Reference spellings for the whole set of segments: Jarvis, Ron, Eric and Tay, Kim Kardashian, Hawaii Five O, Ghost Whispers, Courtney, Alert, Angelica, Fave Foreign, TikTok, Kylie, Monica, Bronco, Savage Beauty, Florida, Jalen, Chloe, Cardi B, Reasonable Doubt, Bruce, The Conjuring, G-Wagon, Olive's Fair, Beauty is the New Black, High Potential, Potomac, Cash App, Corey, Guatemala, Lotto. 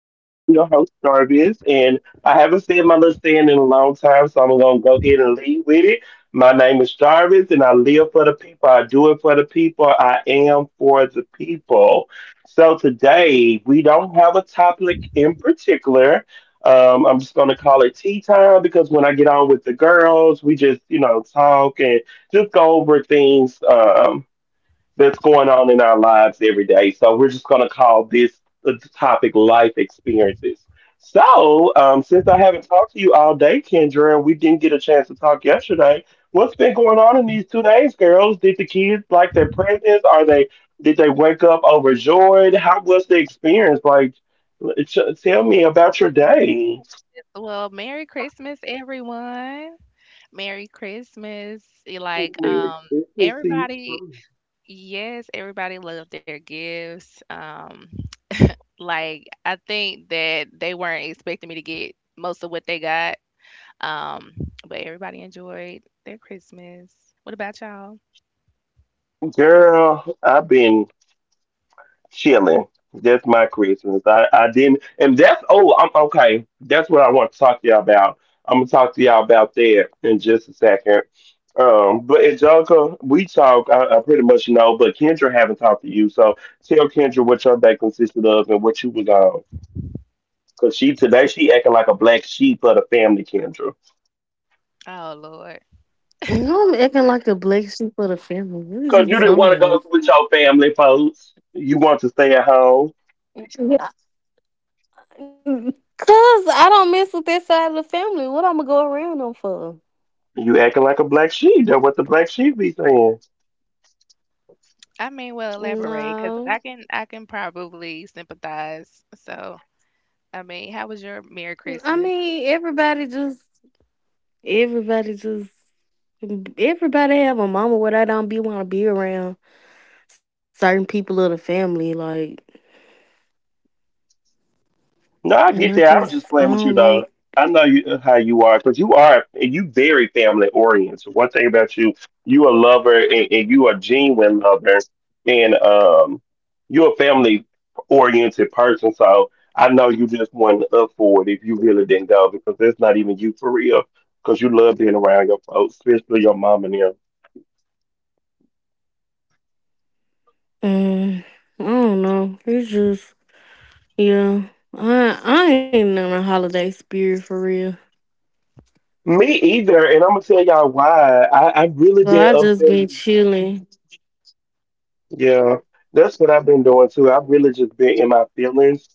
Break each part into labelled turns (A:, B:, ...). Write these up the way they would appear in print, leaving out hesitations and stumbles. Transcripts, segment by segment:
A: your host, Jarvis, and I haven't said my little saying in a long time, so I'm going to go ahead and lead with it. My name is Jarvis, and I live for the people. I do it for the people. I am for the people. So today, we don't have a topic in particular. I'm just going to call it tea time because when I get on with the girls, we just, you know, talk and just go over things. That's going on in our lives every day. So we're just going to call this the topic life experiences. So, since I haven't talked to you all day, Kendra, and we didn't get a chance to talk yesterday, what's been going on in these 2 days, girls? Did the kids like their presents? Are they Did they wake up overjoyed? How was the experience? Like, tell me about your day.
B: Yes. Well, Merry Christmas, everyone. Merry Christmas. Like,
A: Merry Christmas to you,
B: everybody, yes, everybody loved their gifts. Like, I think that they weren't expecting me to get most of what they got. Um, but everybody enjoyed their Christmas. What about y'all?
A: girl. I've been chilling. That's my Christmas. I didn't, and that's oh, I'm okay. That's what I want to talk to y'all about. I'm gonna talk to y'all about that in just a second. But Angelica, we talk. I pretty much know, but Kendra haven't talked to you, so tell Kendra what your day consisted of and what you was on. Cause she today she acting like a black sheep of the family, Kendra.
B: Oh Lord.
C: No, I'm acting like the black sheep of the
A: Cause you
C: family.
A: didn't
C: What
A: want
C: is
A: to
C: you
A: go with
C: talking
A: your
C: about?
A: family, folks. You want to stay at home.
C: Cause I don't mess with that side of the family. What I'm gonna go around them for?
A: You acting like a black sheep. That's what the black sheep be saying.
B: I mean, well, elaborate, cause
C: No,
B: I can probably sympathize. So, I mean, how was your Merry
C: I
B: Christmas?
C: mean everybody just everybody just everybody have a mama where they don't be want to be around certain people of the family. Like,
A: No,
C: and
A: I
C: I
A: get that. I was
C: just
A: just
C: I
A: playing
C: don't
A: with you,
C: like.
A: though. I know you, how you are because you very family oriented. One thing about you, you a lover and you a genuine lover, and you're a family oriented person. So I know you just wasn't up for it if you really didn't go because that's not even you for real. Because you love being around your folks, especially your mom and them.
C: Mm, I don't know. It's just yeah. I ain't in a holiday spirit for real.
A: Me either, and I'm gonna tell y'all why. I've really
C: So
A: been
C: I just
A: upset.
C: been chilling.
A: Yeah, that's what I've been doing too. I've really just been in my feelings,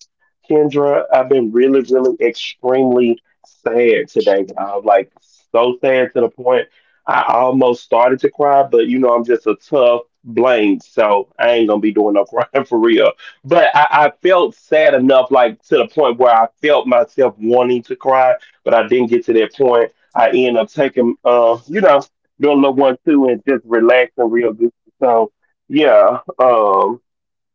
A: Kendra. I've been really, really extremely sad today. I'm like so sad to the point I almost started to cry, but you know, I'm just a tough blank, so I ain't gonna be doing no crying for real. But I felt sad enough, like to the point where I felt myself wanting to cry, but I didn't get to that point. I ended up taking, you know, doing a little one too and just relaxing real good. So, yeah. Um,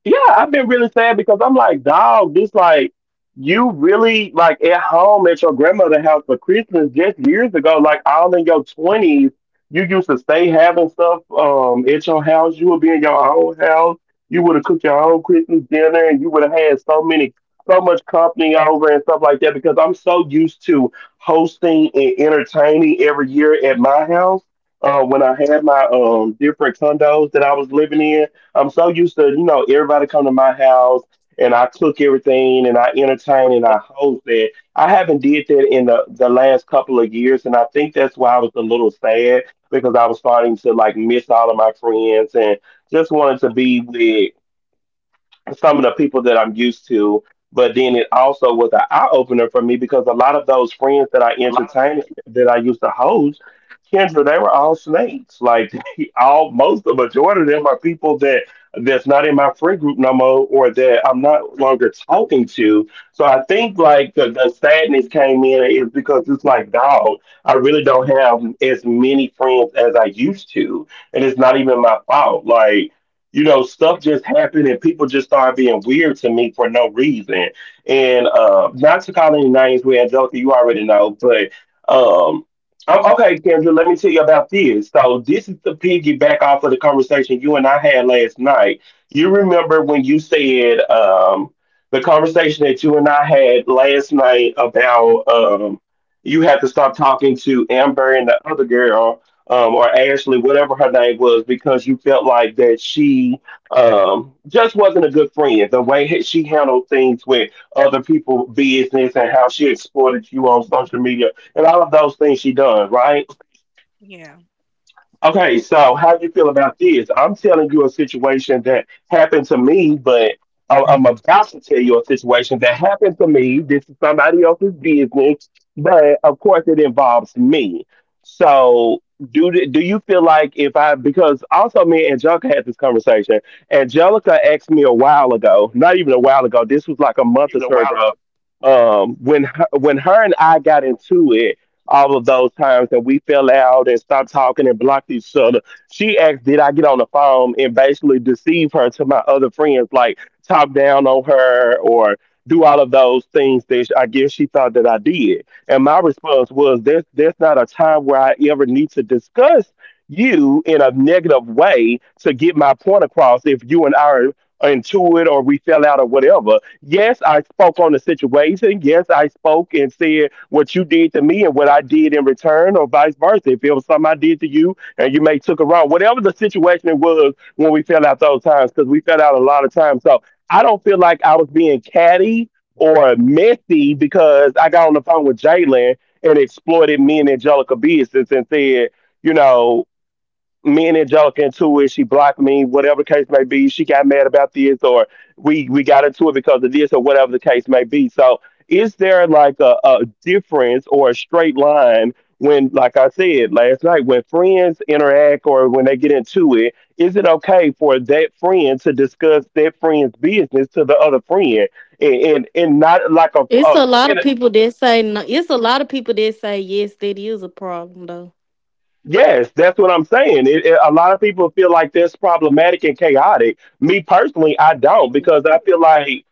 A: yeah, I've been really sad because I'm like, dog, this like you really like at home at your grandmother's house for Christmas just years ago, like all in your twenties, you used to stay having stuff at your house. You would be in your own house. You would have cooked your own Christmas dinner and you would have had so much company over and stuff like that because I'm so used to hosting and entertaining every year at my house when I had my different condos that I was living in. I'm so used to, you know, everybody come to my house and I cook everything and I entertain and I host that. I haven't did that in the last couple of years and I think that's why I was a little sad because I was starting to like miss all of my friends and just wanted to be with some of the people that I'm used to. But then it also was an eye opener for me because a lot of those friends that I entertained that I used to host, Kendra, they were all snakes. Like all most the majority of them are people that's not in my friend group no more or that I'm not longer talking to. So I think like the sadness came in is because it's like, dog, I really don't have as many friends as I used to. And it's not even my fault. Like, you know, stuff just happened and people just started being weird to me for no reason. And not to call any names with Angelica, you already know, but um, okay, Kendra, let me tell you about this. So, this is the piggyback off of the conversation you and I had last night. You remember when you said the conversation that you and I had last night about you had to stop talking to Amber and the other girl or Ashley, whatever her name was, because you felt like that she just wasn't a good friend. The way that she handled things with other people's business and how she exploited you on social media and all of those things she done, right?
B: Yeah.
A: Okay, so how you feel about this? I'm telling you a situation that happened to me, but I'm about to tell you a situation that happened to me. This is somebody else's business, but of course it involves me. So do you feel like if I because also me and Angelica had this conversation. Angelica asked me a while ago, not even a while ago. This was like a month or so ago. When her, when her and I got into it, all of those times that we fell out and stopped talking and blocked each other. She asked, did I get on the phone and basically deceive her to my other friends, like talk down on her or do all of those things that I guess she thought that I did. And my response was, there's not a time where I ever need to discuss you in a negative way to get my point across if you and I are into it or we fell out or whatever. Yes, I spoke on the situation. Yes, I spoke and said what you did to me and what I did in return, or vice versa. If it was something I did to you and you may took it wrong, whatever the situation it was when we fell out those times, because we fell out a lot of times. So I don't feel like I was being catty or messy because I got on the phone with Jalen and exploited me and Angelica business and said, you know, me and Angelica into it. She blocked me, whatever the case may be. She got mad about this, or we got into it because of this, or whatever the case may be. So, is there like a difference or a straight line when, like I said last night, when friends interact or when they get into it? Is it okay for that friend to discuss that friend's business to the other friend, and not like
C: It's
A: a
C: a lot of people that say no. It's a lot of people that say yes, that is a problem though.
A: Yes, that's what I'm saying. A lot of people feel like that's problematic and chaotic. Me personally, I don't because I feel like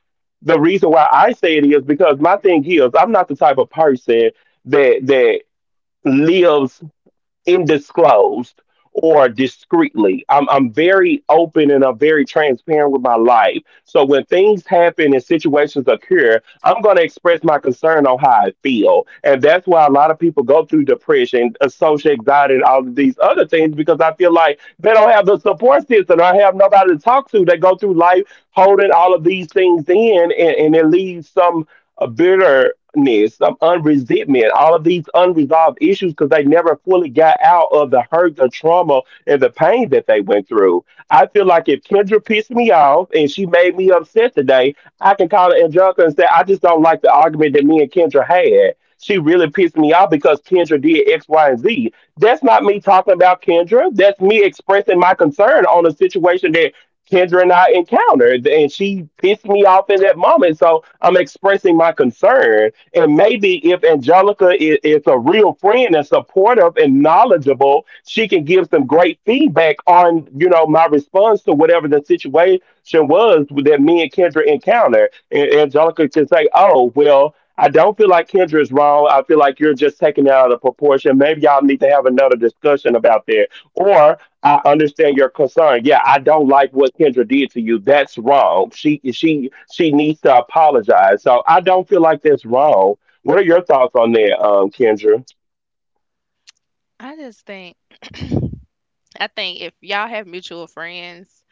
A: the reason why I say it is because my thing is I'm not the type of person that lives indisclosed or discreetly. I'm very open and I'm very transparent with my life. So when things happen and situations occur, I'm going to express my concern on how I feel, and that's why a lot of people go through depression, social anxiety, and all of these other things because I feel like they don't have the support system. I have nobody to talk to. They go through life holding all of these things in, and it leaves some a bitterness, some unresentment, all of these unresolved issues because they never fully got out of the hurt, the trauma, and the pain that they went through. I feel like if Kendra pissed me off and she made me upset today, I can call Angelica and say, I just don't like the argument that me and Kendra had. She really pissed me off because Kendra did X, Y, and Z. That's not me talking about Kendra. That's me expressing my concern on a situation that Kendra and I encountered, and she pissed me off in that moment. So I'm expressing my concern, and maybe if Angelica is a real friend and supportive and knowledgeable, she can give some great feedback on you know my response to whatever the situation was that me and Kendra encountered. And Angelica can say, "Oh well, I don't feel like Kendra is wrong. I feel like you're just taking it out of proportion. Maybe y'all need to have another discussion about that, or I understand your concern. Yeah, I don't like what Kendra did to you. That's wrong. She needs to apologize." So I don't feel like that's wrong. What are your thoughts on that, Kendra?
B: I just think I think if y'all have mutual friends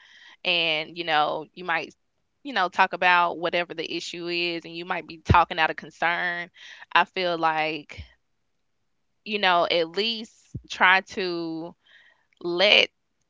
B: and, you know, you might, you know, talk about whatever the issue is, and you might be talking out of concern. I feel like, you know, at least try to let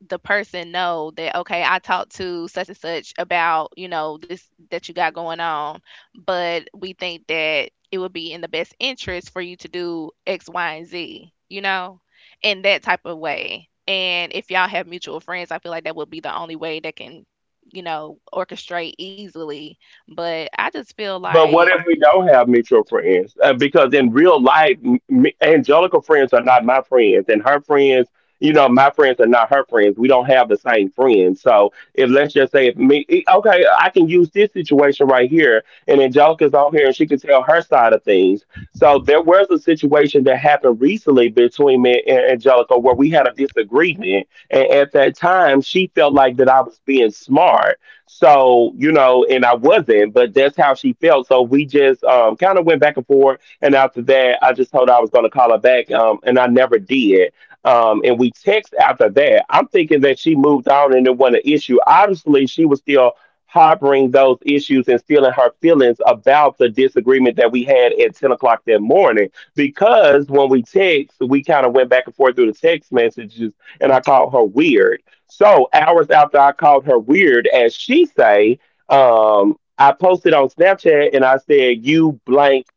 B: the person know that, okay, I talked to such and such about, you know, this that you got going on, but we think that it would be in the best interest for you to do X, Y, and Z, you know, in that type of way. And if y'all have mutual friends, I feel like that would be the only way that can, you know, orchestrate easily. But I just feel
A: But what
B: like.
A: if we don't have mutual friends? Because in real life, Angelica friends are not my friends, and her friends, you know, my friends are not her friends. We don't have the same friends. So if let's just say, if me, okay, I can use this situation right here, and Angelica's on here, and she can tell her side of things. So there was a situation that happened recently between me and Angelica where we had a disagreement, and at that time, she felt like that I was being smart so, you know, and I wasn't, but that's how she felt. So we just kind of went back and forth. And after that, I just told her I was going to call her back, and I never did. And we text after that. I'm thinking that she moved on and it wasn't an issue. Obviously, she was still harboring those issues and still in her feelings about the disagreement that we had at 10 o'clock that morning. Because when we text, we kind of went back and forth through the text messages, and I called her weird. So hours after I called her weird, as she say, I posted on Snapchat and I said, "You blank."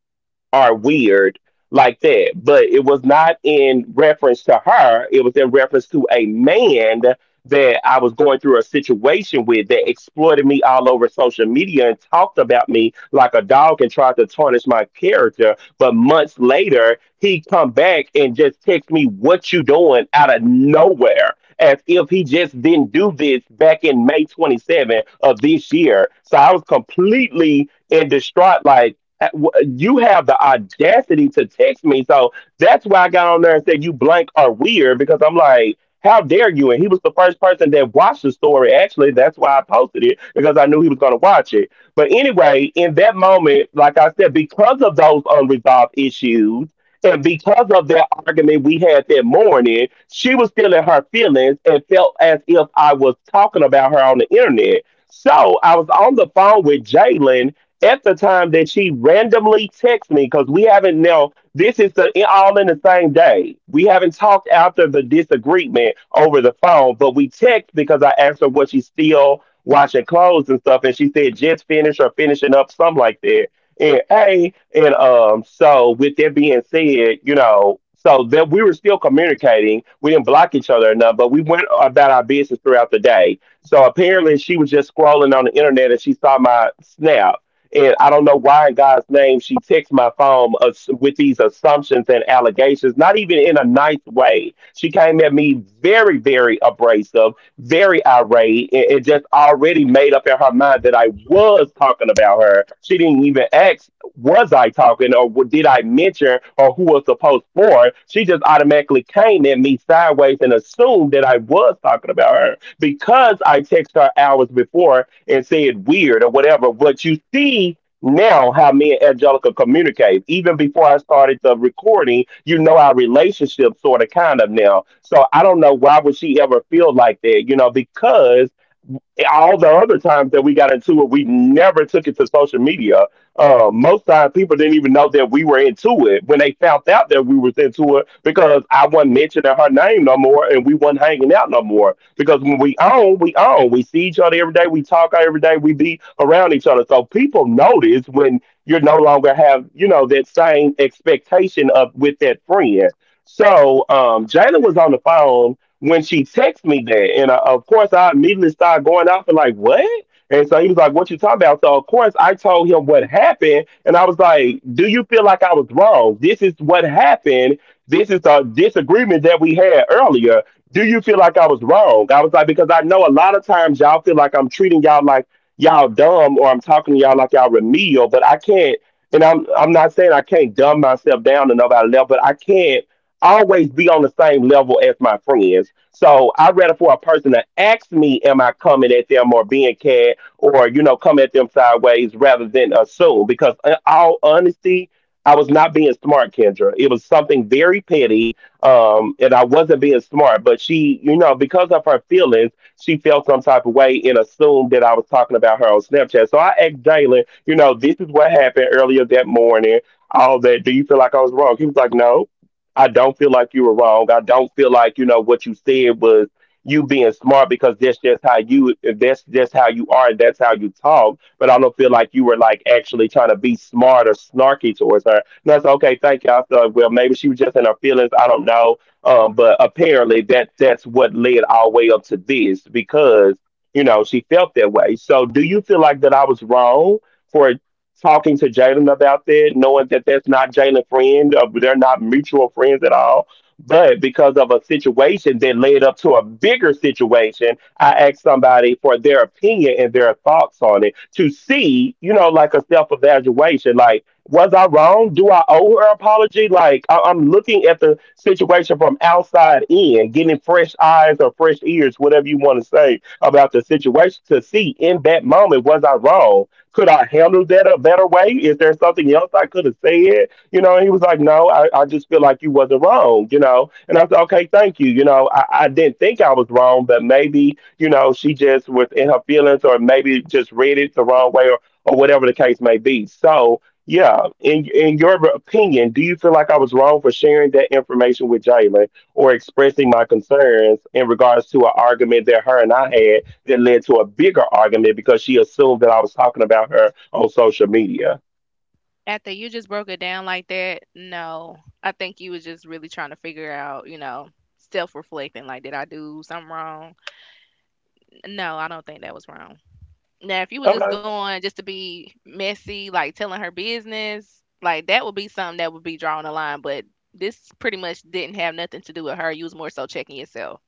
A: Are weird like that. But it was not in reference to her, it was in reference to a man that I was going through a situation with that exploited me all over social media and talked about me like a dog and tried to tarnish my character. But months later, he come back and just text me, "What you doing?" out of nowhere, as if he just didn't do this back in May 27 of this year. So I was completely in distraught, like you have the audacity to text me. So that's why I got on there and said you blank are weird because I'm like, how dare you? And he was the first person that watched the story. Actually, that's why I posted it because I knew he was going to watch it. But anyway, in that moment, like I said, because of those unresolved issues. And because of that argument we had that morning, she was still in her feelings and felt as if I was talking about her on the internet. So I was on the phone with Jalen at the time that she randomly texted me because we haven't, now this is the, all in the same day, we haven't talked after the disagreement over the phone, but we text because I asked her, what, she's still washing clothes and stuff, and she said just finished or finishing up, something like that. And hey, and so with that being said, you know, so that we were still communicating. We didn't block each other enough, but we went about our business throughout the day. So apparently she was just scrolling on the internet and she saw my snap, and I don't know why in God's name she texts my phone with these assumptions and allegations, not even in a nice way. She came at me very, very abrasive, very irate, and just already made up in her mind that I was talking about her. She didn't even ask, was I talking or did I mention or who was supposed for it? She just automatically came at me sideways and assumed that I was talking about her because I text her hours before and said weird or whatever. But you see now how me and Angelica communicate. Even before I started the recording, you know our relationship sort of kind of now. So I don't know why would she ever feel like that, you know, because all the other times that we got into it, we never took it to social media. Most times, people didn't even know that we were into it when they found out that we was into it because I wasn't mentioning her name no more, and we wasn't hanging out no more. Because when we own, we own. We see each other every day. We talk every day. We be around each other. So people notice when you no longer have, you know, that same expectation of with that friend. So Jalen was on the phone when she texted me that, and of course I immediately started going off and like, what? And so he was like, what you talking about? So of course I told him what happened, and I was like, do you feel like I was wrong? This is what happened. This is a disagreement that we had earlier. Do you feel like I was wrong? I was like, because I know a lot of times y'all feel like I'm treating y'all like y'all dumb or I'm talking to y'all like y'all remedial, but I can't. And I'm not saying I can't dumb myself down to nobody level, but I can't always be on the same level as my friends. So I rather for a person to ask me, am I coming at them or being cad or, you know, come at them sideways rather than assume. Because in all honesty, I was not being smart, Kendra. It was something very petty. And I wasn't being smart, but she, you know, because of her feelings, she felt some type of way and assumed that I was talking about her on Snapchat. So I asked Jalen, you know, this is what happened earlier that morning, all that. Do you feel like I was wrong? He was like, no. I don't feel like you were wrong. I don't feel like you know what you said was you being smart, because that's just how you, that's just how you are and that's how you talk. But I don't feel like you were like actually trying to be smart or snarky towards her. And I said, okay, thank you. I thought, well, maybe she was just in her feelings. I don't know. But apparently that that's what led all the way up to this because you know she felt that way. So do you feel like that I was wrong for talking to Jalen about that, knowing that that's not Jalen's friend, or they're not mutual friends at all? But because of a situation that led up to a bigger situation, I asked somebody for their opinion and their thoughts on it to see, you know, like a self evaluation. Like, was I wrong? Do I owe her apology? Like, I'm looking at the situation from outside in, getting fresh eyes or fresh ears, whatever you want to say about the situation, to see in that moment, was I wrong? Could I handle that a better way? Is there something else I could have said? You know, and he was like, no, I just feel like you wasn't wrong, you know. And I said, okay, thank you. You know, I didn't think I was wrong, but maybe, you know, she just was in her feelings or maybe just read it the wrong way, or whatever the case may be. So yeah, in your opinion, do you feel like I was wrong for sharing that information with Jalen or expressing my concerns in regards to an argument that her and I had that led to a bigger argument because she assumed that I was talking about her on social media.
B: After you just broke it down like that, no. I think you was just really trying to figure out, you know, self-reflecting, like, did I do something wrong? No, I don't think that was wrong. Now, if you was just
A: Okay.
B: going just to be messy, like telling her business, like that would be something that would be drawing a line. But this pretty much didn't have nothing to do with her. You was more so checking yourself.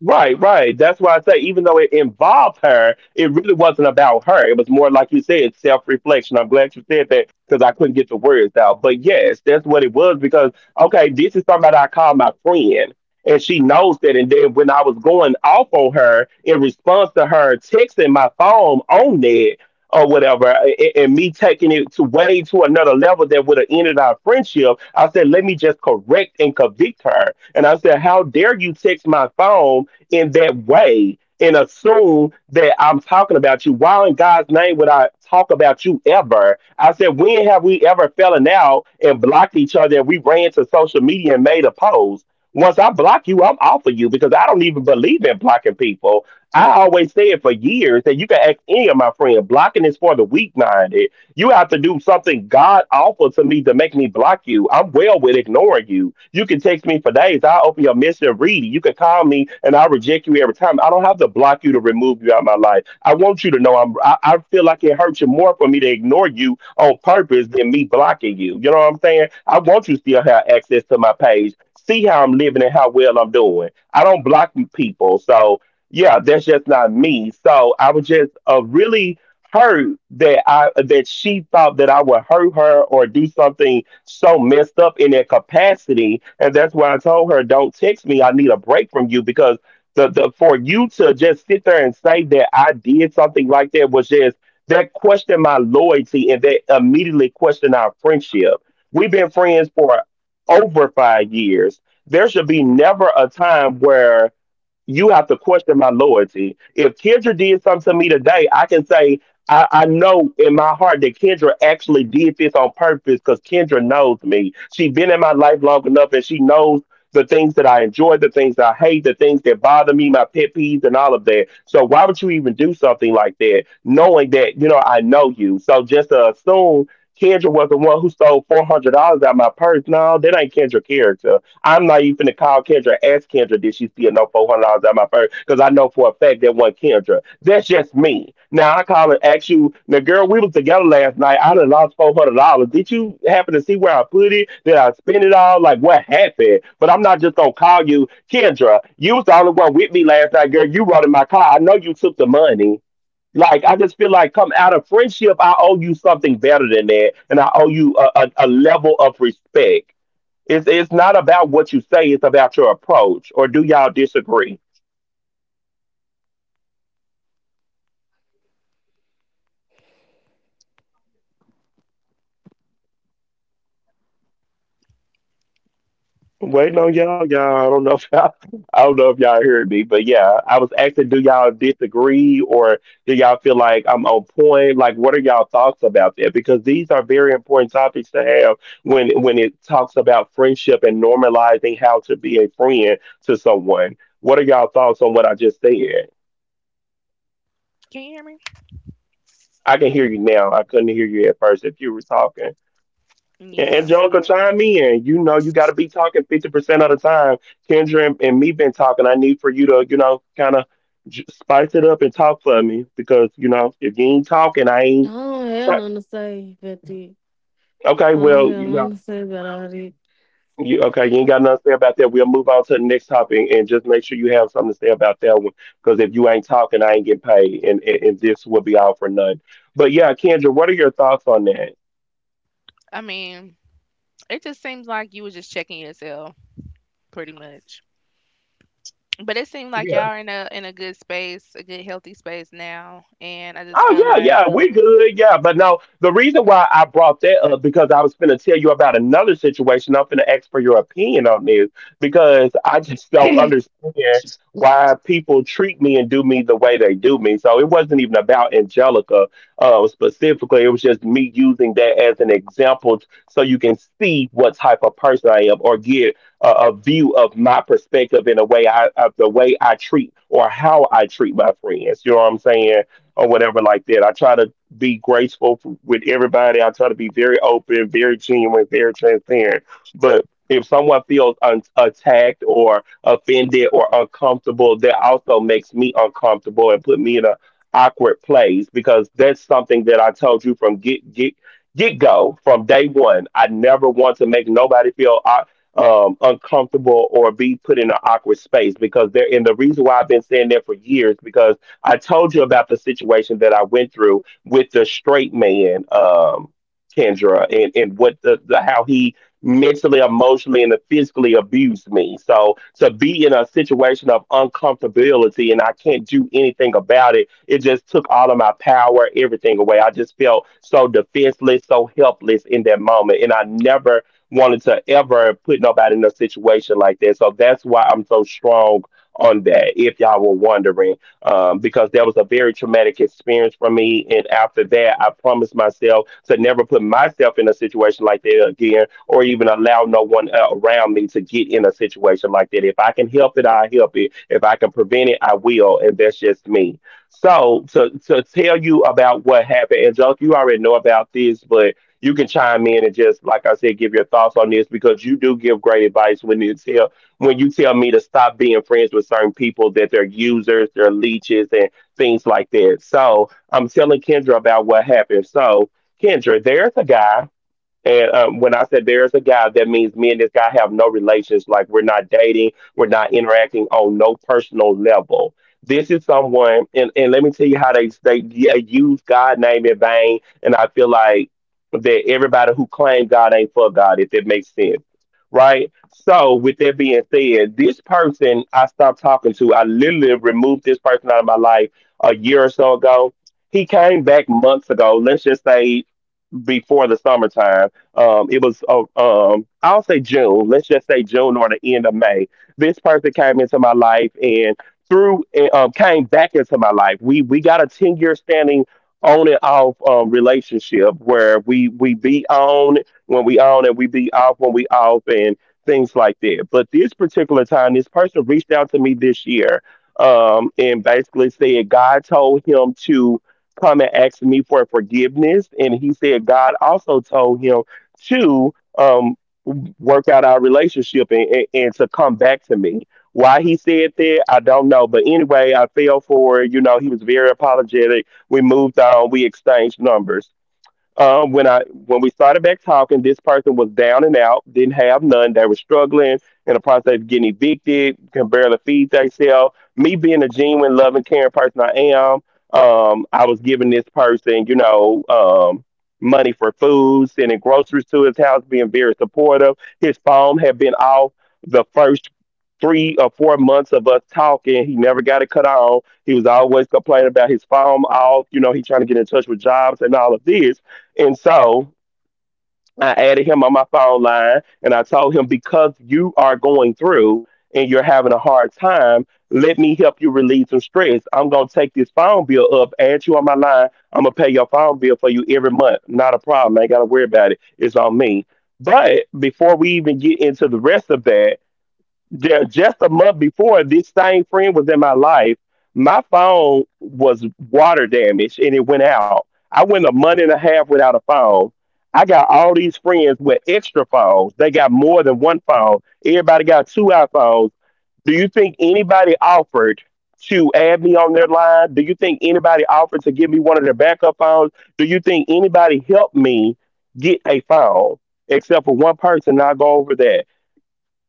A: Right, right. That's why I say, even though it involved her, it really wasn't about her. It was more, like you said, self reflection. I'm glad you said that because I couldn't get the words out. But yes, that's what it was because, okay, this is somebody I call my friend. And she knows that. And then when I was going off on her in response to her texting my phone on that or whatever, and me taking it to way to another level that would have ended our friendship, I said, let me just correct and convict her. And I said, how dare you text my phone in that way and assume that I'm talking about you. Why in God's name would I talk about you ever? I said, when have we ever fallen out and blocked each other and we ran to social media and made a post? Once I block you, I'm off of you because I don't even believe in blocking people. I always say it for years that you can ask any of my friends, blocking is for the weak minded. You have to do something God awful to me to make me block you. I'm well with ignoring you. You can text me for days. I'll open your message and read it. You can call me and I'll reject you every time. I don't have to block you to remove you out of my life. I want you to know I feel like it hurts you more for me to ignore you on purpose than me blocking you. You know what I'm saying? I want you to still have access to my page. See how I'm living and how well I'm doing. I don't block people. So, yeah, that's just not me. So I was just really hurt that I that she thought that I would hurt her or do something so messed up in that capacity. And that's why I told her, don't text me. I need a break from you because the for you to just sit there and say that I did something like that was just that questioned my loyalty and that immediately questioned our friendship. We've been friends for over 5 years. There should be never a time where you have to question my loyalty. If Kendra did something to me today, I can say I know in my heart that Kendra actually did this on purpose because Kendra knows me. She's been in my life long enough and she knows the things that I enjoy, the things that I hate, the things that bother me, my pet peeves and all of that. So why would you even do something like that, knowing that, you know, I know you. So just to assume Kendra was the one who stole $400 out of my purse. No, that ain't Kendra character. I'm not even going to call Kendra, ask Kendra, did she steal no $400 out of my purse? Because I know for a fact that wasn't Kendra. That's just me. Now I call and ask you, now girl, we was together last night. I done lost $400. Did you happen to see where I put it? Did I spend it all? Like what happened? But I'm not just gonna call you, Kendra. You was the only one with me last night, girl. You rode in my car. I know you took the money. Like I just feel like come out of friendship, I owe you something better than that, and I owe you a, a level of respect. It's not about what you say, it's about your approach. Or do y'all disagree? Wait, no, y'all. I don't know if y'all, I don't know if y'all heard me, but yeah, I was asking, do y'all disagree or do y'all feel like I'm on point? Like, what are y'all thoughts about that? Because these are very important topics to have when it talks about friendship and normalizing how to be a friend to someone. What are y'all thoughts on what I just said?
B: Can you hear me?
A: I can hear you now. I couldn't hear you at first if you were talking. And
B: Yeah.
A: Angelica, chime in. You know, you got to be talking 50% of the time. Kendra and me been talking. I need for you to, you know, kind of spice it up and talk for me because, you know, if you ain't talking, I
C: I
A: ain't.
C: don't have
A: Ch-
C: nothing to say about that. I
A: okay,
C: don't
A: well,
C: have
A: you
C: nothing to
A: know,
C: say about all that.
A: okay, you ain't got nothing to say about that. We'll move on to the next topic and just make sure you have something to say about that one because if you ain't talking, I ain't getting paid and this will be all for nothing. But yeah, Kendra, what are your thoughts on that?
B: I mean, it just seems like you was just checking yourself pretty much. But it seemed like y'all are in a good space, a good healthy space now, and I just feel
A: Oh yeah,
B: like.
A: yeah, we're good, yeah. But no, the reason why I brought that up because I was gonna tell you about another situation. I'm gonna ask for your opinion on this because I just don't understand why people treat me and do me the way they do me. So it wasn't even about Angelica specifically. It was just me using that as an example so you can see what type of person I am or get a, view of my perspective in a way I of the way I treat or how I treat my friends. You know what I'm saying? Or whatever like that. I try to be graceful with everybody. I try to be very open, very genuine, very transparent. But if someone feels attacked or offended or uncomfortable, that also makes me uncomfortable and put me in a awkward place because that's something that I told you from get go from day one. I never want to make nobody feel uncomfortable or be put in an awkward space because they're and the reason why I've been saying that for years because I told you about the situation that I went through with the straight man, Kendra, and what the how he mentally, emotionally, and physically abused me. So to be in a situation of uncomfortability and I can't do anything about it, it just took all of my power, everything away. I just felt so defenseless, so helpless in that moment. And I never wanted to ever put nobody in a situation like that. So that's why I'm so strong on that, if y'all were wondering because that was a very traumatic experience for me. And after that, I promised myself to never put myself in a situation like that again, or even allow no one around me to get in a situation like that. If I can help it, I help it. If I can prevent it, I will. And that's just me. So to tell you about what happened, Angelica, you already know about this, but you can chime in and just like I said, give your thoughts on this because you do give great advice when you tell me to stop being friends with certain people that they're users, they're leeches, and things like that. So I'm telling Kendra about what happened. So Kendra, there's a guy. And when I said there is a guy, that means me and this guy have no relations. Like we're not dating, we're not interacting on no personal level. This is someone, and let me tell you how they yeah, use God name in vain. And I feel like that everybody who claims God ain't for God, if it makes sense, right? So with that being said, this person I stopped talking to, I literally removed this person out of my life a year or so ago. He came back months ago. Let's just say before the summertime I'll say June. Let's just say June or the end of May. This person came into my life and came back into my life. We got a 10 year standing on and off relationship where we be on when we on and we be off when we off and things like that. But this particular time, this person reached out to me this year and basically said God told him to come and ask me for forgiveness. And he said God also told him to um, work out our relationship and to come back to me. Why he said that, I don't know. But anyway, I fell for it. You know, he was very apologetic. We moved on. We exchanged numbers when I when we started back talking, this person was down and out, didn't have none. They were struggling in the process of getting evicted, can barely feed themselves. Me being a genuine, loving, caring person I am, I was giving this person, you know, money for food, sending groceries to his house, being very supportive. His phone had been off the first 3 or 4 months of us talking. He never got it cut on. He was always complaining about his phone off. You know, he trying to get in touch with jobs and all of this and so I added him on my phone line and I told him, because you are going through and you're having a hard time, let me help you relieve some stress. I'm going to take this phone bill up, add you on my line. I'm going to pay your phone bill for you every month. Not a problem. I ain't got to worry about it. It's on me. But before we even get into the rest of that, yeah, just a month before this same friend was in my life, my phone was water damaged and it went out. I went a month and a half without a phone. I got all these friends with extra phones. They got more than one phone. Everybody got two iPhones. Do you think anybody offered to add me on their line? Do you think anybody offered to give me one of their backup phones? Do you think anybody helped me get a phone except for one person? I'll go over that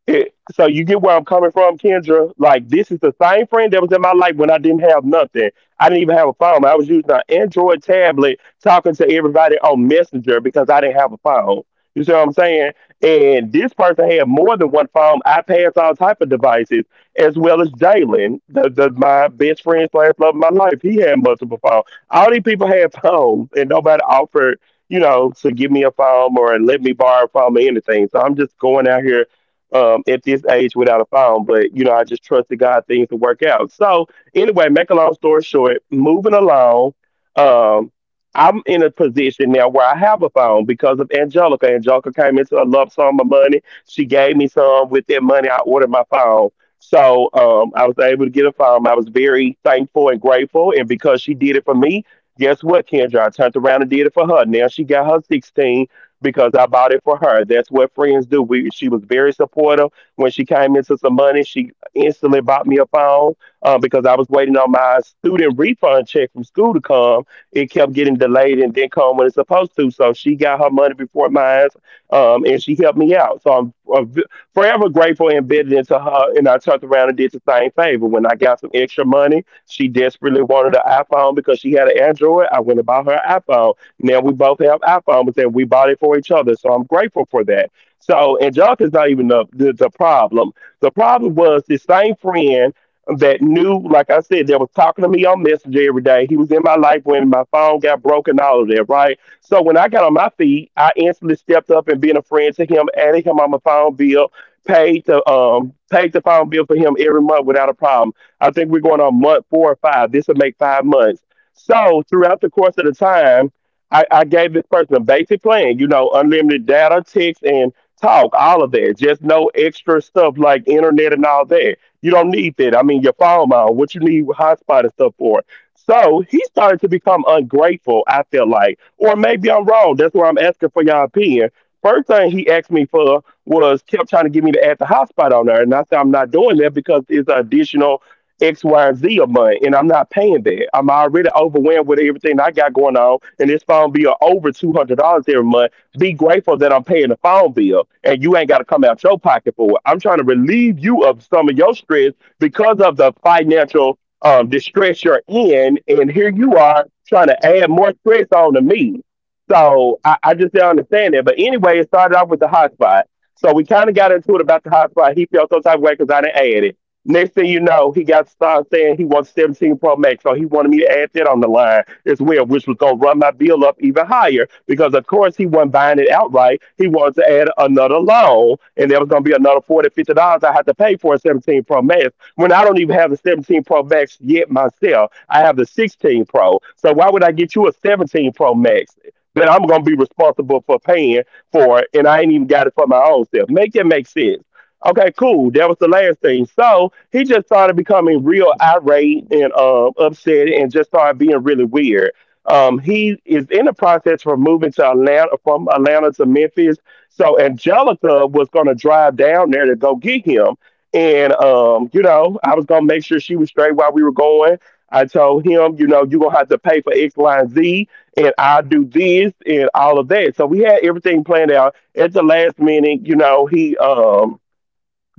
A: it, so you get where I'm coming from, Kendra. Like this is the same friend that was in my life when I didn't have nothing. I didn't even have a phone. I was using an Android tablet talking to everybody on Messenger because I didn't have a phone. You see what I'm saying? And this person had more than one phone, iPads, all type of devices, as well as Jalen, the my best friend slash love of my life. He had multiple phones. All these people had phones, and nobody offered, you know, to give me a phone or let me borrow a phone or anything. So I'm just going out here at this age without a phone. But you know, I just trust the God things to work out. So anyway, make a long story short, moving along, um, I'm in a position now where I have a phone because of Angelica. Angelica came into a lump sum of money. She gave me some. With that money, I ordered my phone. So I was able to get a phone. I was very thankful and grateful. And because she did it for me, guess what, Kendra? I turned around and did it for her. Now she got her 16 because I bought it for her. That's what friends do. We She was very supportive when she came into some money. She instantly bought me a phone because I was waiting on my student refund check from school to come. It kept getting delayed and didn't come when it's supposed to. So she got her money before mine, and she helped me out. So I'm forever grateful and embedded into her. And I turned around and did the same favor when I got some extra money. She desperately wanted an iPhone because she had an Android. I went and bought her an iPhone. Now we both have iPhones, and we bought it for each other. So I'm grateful for that. So and junk is not even the problem. The problem was this same friend that knew, like I said, that was talking to me on Messenger every day. He was in my life when my phone got broken, all of that, right? So when I got on my feet, I instantly stepped up and being a friend to him, added him on my phone bill, paid the phone bill for him every month without a problem. I think we're going on month four or five. This will make 5 months. So throughout the course of the time, I gave this person a basic plan, you know, unlimited data, text, and talk, all of that. Just no extra stuff like internet and all that. You don't need that. I mean, your phone mount, what you need with hotspot and stuff for. So he started to become ungrateful, I feel like. Or maybe I'm wrong. That's why I'm asking for your opinion. First thing he asked me for was kept trying to get me to add the hotspot on there. And I said, I'm not doing that because it's an additional X, Y, and Z a month, and I'm not paying that. I'm already overwhelmed with everything I got going on, and this phone bill over $200 every month. Be grateful that I'm paying the phone bill, and you ain't got to come out your pocket for it. I'm trying to relieve you of some of your stress because of the financial distress you're in, and here you are trying to add more stress on to me. So I just don't understand that. But anyway, it started off with the hotspot. So we kind of got into it about the hotspot. He felt some type of way because I didn't add it. Next thing you know, he got started saying he wants 17 Pro Max, so he wanted me to add that on the line as well, which was gonna run my bill up even higher because of course he wasn't buying it outright. He wanted to add another loan, and there was gonna be another 40 $50 I had to pay for a 17 Pro Max when I don't even have the 17 Pro Max yet myself. I have the 16 Pro, so why would I get you a 17 Pro Max? That I'm gonna be responsible for paying for, and I ain't even got it for my own self. Make that make sense. Okay, cool. That was the last thing. So he just started becoming real irate and upset and just started being really weird. He is in the process for moving to Atlanta from Atlanta to Memphis. So Angelica was going to drive down there to go get him. And, you know, I was going to make sure she was straight while we were going. I told him, you know, you're going to have to pay for X, Y, and Z, and I'll do this and all of that. So we had everything planned out. At the last minute, you know, he. Um,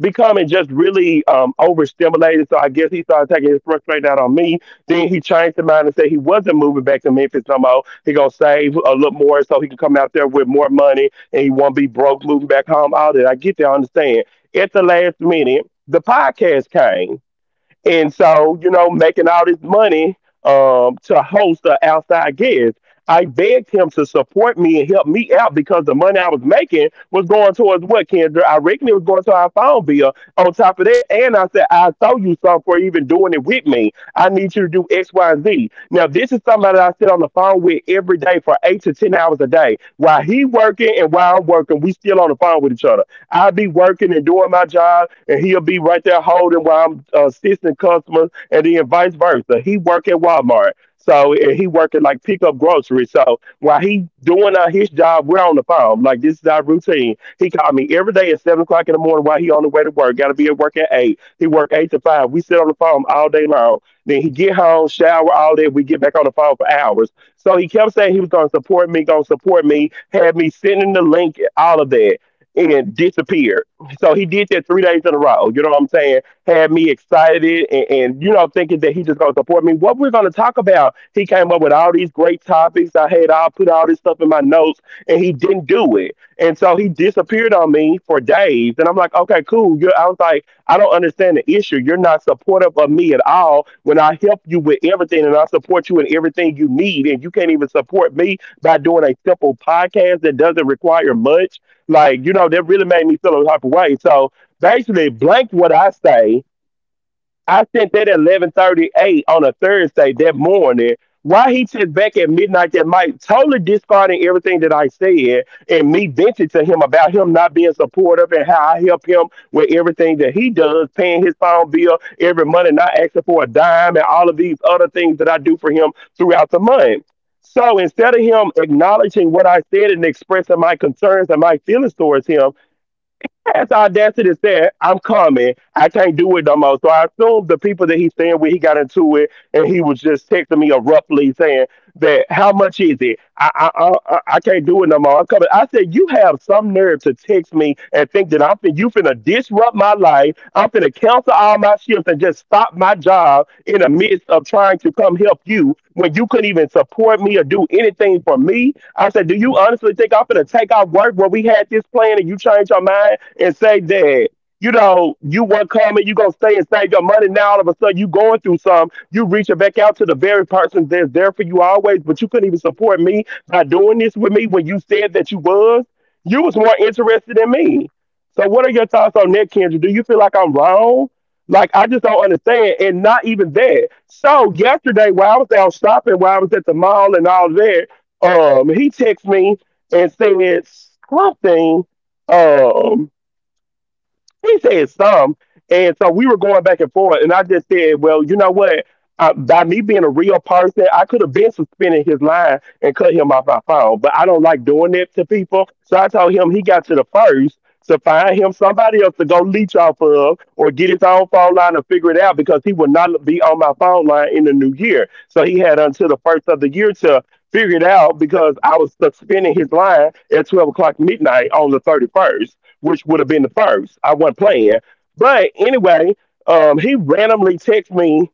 A: becoming just really overstimulated. So I guess he started taking his frustration right out on me. Then he changed his mind and said he wasn't moving back to Memphis no more. He gonna save a little more so he can come out there with more money and he won't be broke moving back home. All that I get that, I understand. At the last minute, the podcast came and so, you know, making all this money to host an outside guest. I begged him to support me and help me out because the money I was making was going towards what, Kendra? I reckon it was going to our phone bill on top of that. And I said, I owe you something for even doing it with me. I need you to do X, Y, and Z. Now, this is somebody I sit on the phone with every day for 8 to 10 hours a day. While he working and while I'm working, we still on the phone with each other. I'll be working and doing my job, and he'll be right there holding while I'm assisting customers, and then vice versa. He work at Walmart, so and he working like pick up groceries. So while he doing his job, we're on the phone. Like this is our routine. He called me every day at 7 o'clock in the morning while he on the way to work. Got to be at work at 8. He work 8 to 5. We sit on the phone all day long. Then he get home, shower, all that. We get back on the phone for hours. So he kept saying he was gonna support me, had me sending the link, all of that and disappeared. So he did that 3 days in a row. You know what I'm saying? Had me excited and you know, thinking that he just gonna support me. What we're gonna talk about? He came up with all these great topics. I had all put all this stuff in my notes and he didn't do it. And so he disappeared on me for days. And I'm like, okay, cool. I was like, I don't understand the issue. You're not supportive of me at all when I help you with everything and I support you in everything you need. And you can't even support me by doing a simple podcast that doesn't require much like, you know, that really made me feel a type of way. So basically, blank what I say. I sent that at 11:38 on a Thursday that morning. Why he checked back at midnight that night, totally discarding everything that I said and me venting to him about him not being supportive and how I help him with everything that he does, paying his phone bill every month and not asking for a dime and all of these other things that I do for him throughout the month. So instead of him acknowledging what I said and expressing my concerns and my feelings towards him, has the audacity to say, I'm coming. I can't do it no more. So I assume the people that he's staying with, he got into it and he was just texting me abruptly saying, that how much is it? I can't do it no more. I'm coming. I said you have some nerve to text me and think that you finna disrupt my life. I'm finna cancel all my shifts and just stop my job in the midst of trying to come help you when you couldn't even support me or do anything for me. I said, do you honestly think I'm finna take off work where we had this plan and you change your mind and say that? You know, you weren't coming, you gonna stay and save your money. Now all of a sudden you going through something, you reaching back out to the very person that's there for you always, but you couldn't even support me by doing this with me when you said that you was. You was more interested in me. So what are your thoughts on that, Kendra? Do you feel like I'm wrong? Like I just don't understand, and not even that. So yesterday, while I was out shopping, while I was at the mall and all that, he texted me and said something. Um, he said some. And so we were going back and forth, and I just said, well, you know what? By me being a real person, I could have been suspending his line and cut him off my phone, but I don't like doing that to people. So I told him he got to the first to find him somebody else to go leech off of or get his own phone line and figure it out because he will not be on my phone line in the new year. So he had until the first of the year to figure it out because I was suspending his line at 12 o'clock midnight on the 31st, which would have been the first. I wasn't playing. But anyway, he randomly texted me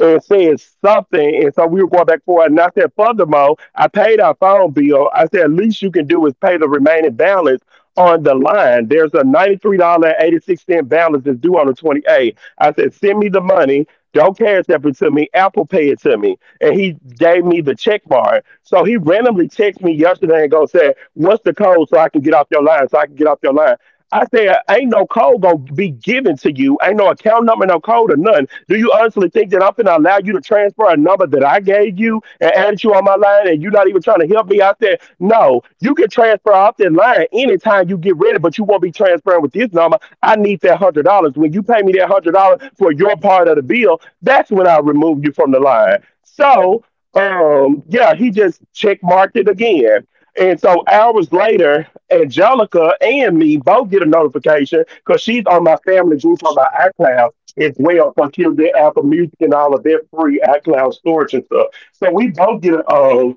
A: and said something. And so we were going back and forth. And I said, furthermore, I paid our phone bill. I said, least you can do is pay the remaining balance on the line. There's a $93.86 balance that's due on the 28th. I said, send me the money. Don't cash app it to me. Apple Pay it to me. And he gave me the check mark. So he randomly texted me yesterday and go said, what's the code so I can get off your line, so I can get off your line. I said, ain't no code gonna be given to you. Ain't no account number, no code or none. Do you honestly think that I'm gonna allow you to transfer a number that I gave you and add you on my line and you're not even trying to help me out there? No, you can transfer off that line anytime you get ready, but you won't be transferring with this number. I need that $100. When you pay me that $100 for your part of the bill, that's when I remove you from the line. So yeah, he just check marked it again. And so hours later, Angelica and me both get a notification because she's on my family group on my iCloud as well for Kill Dead Apple Music and all of their free iCloud storage and stuff. So we both get uh,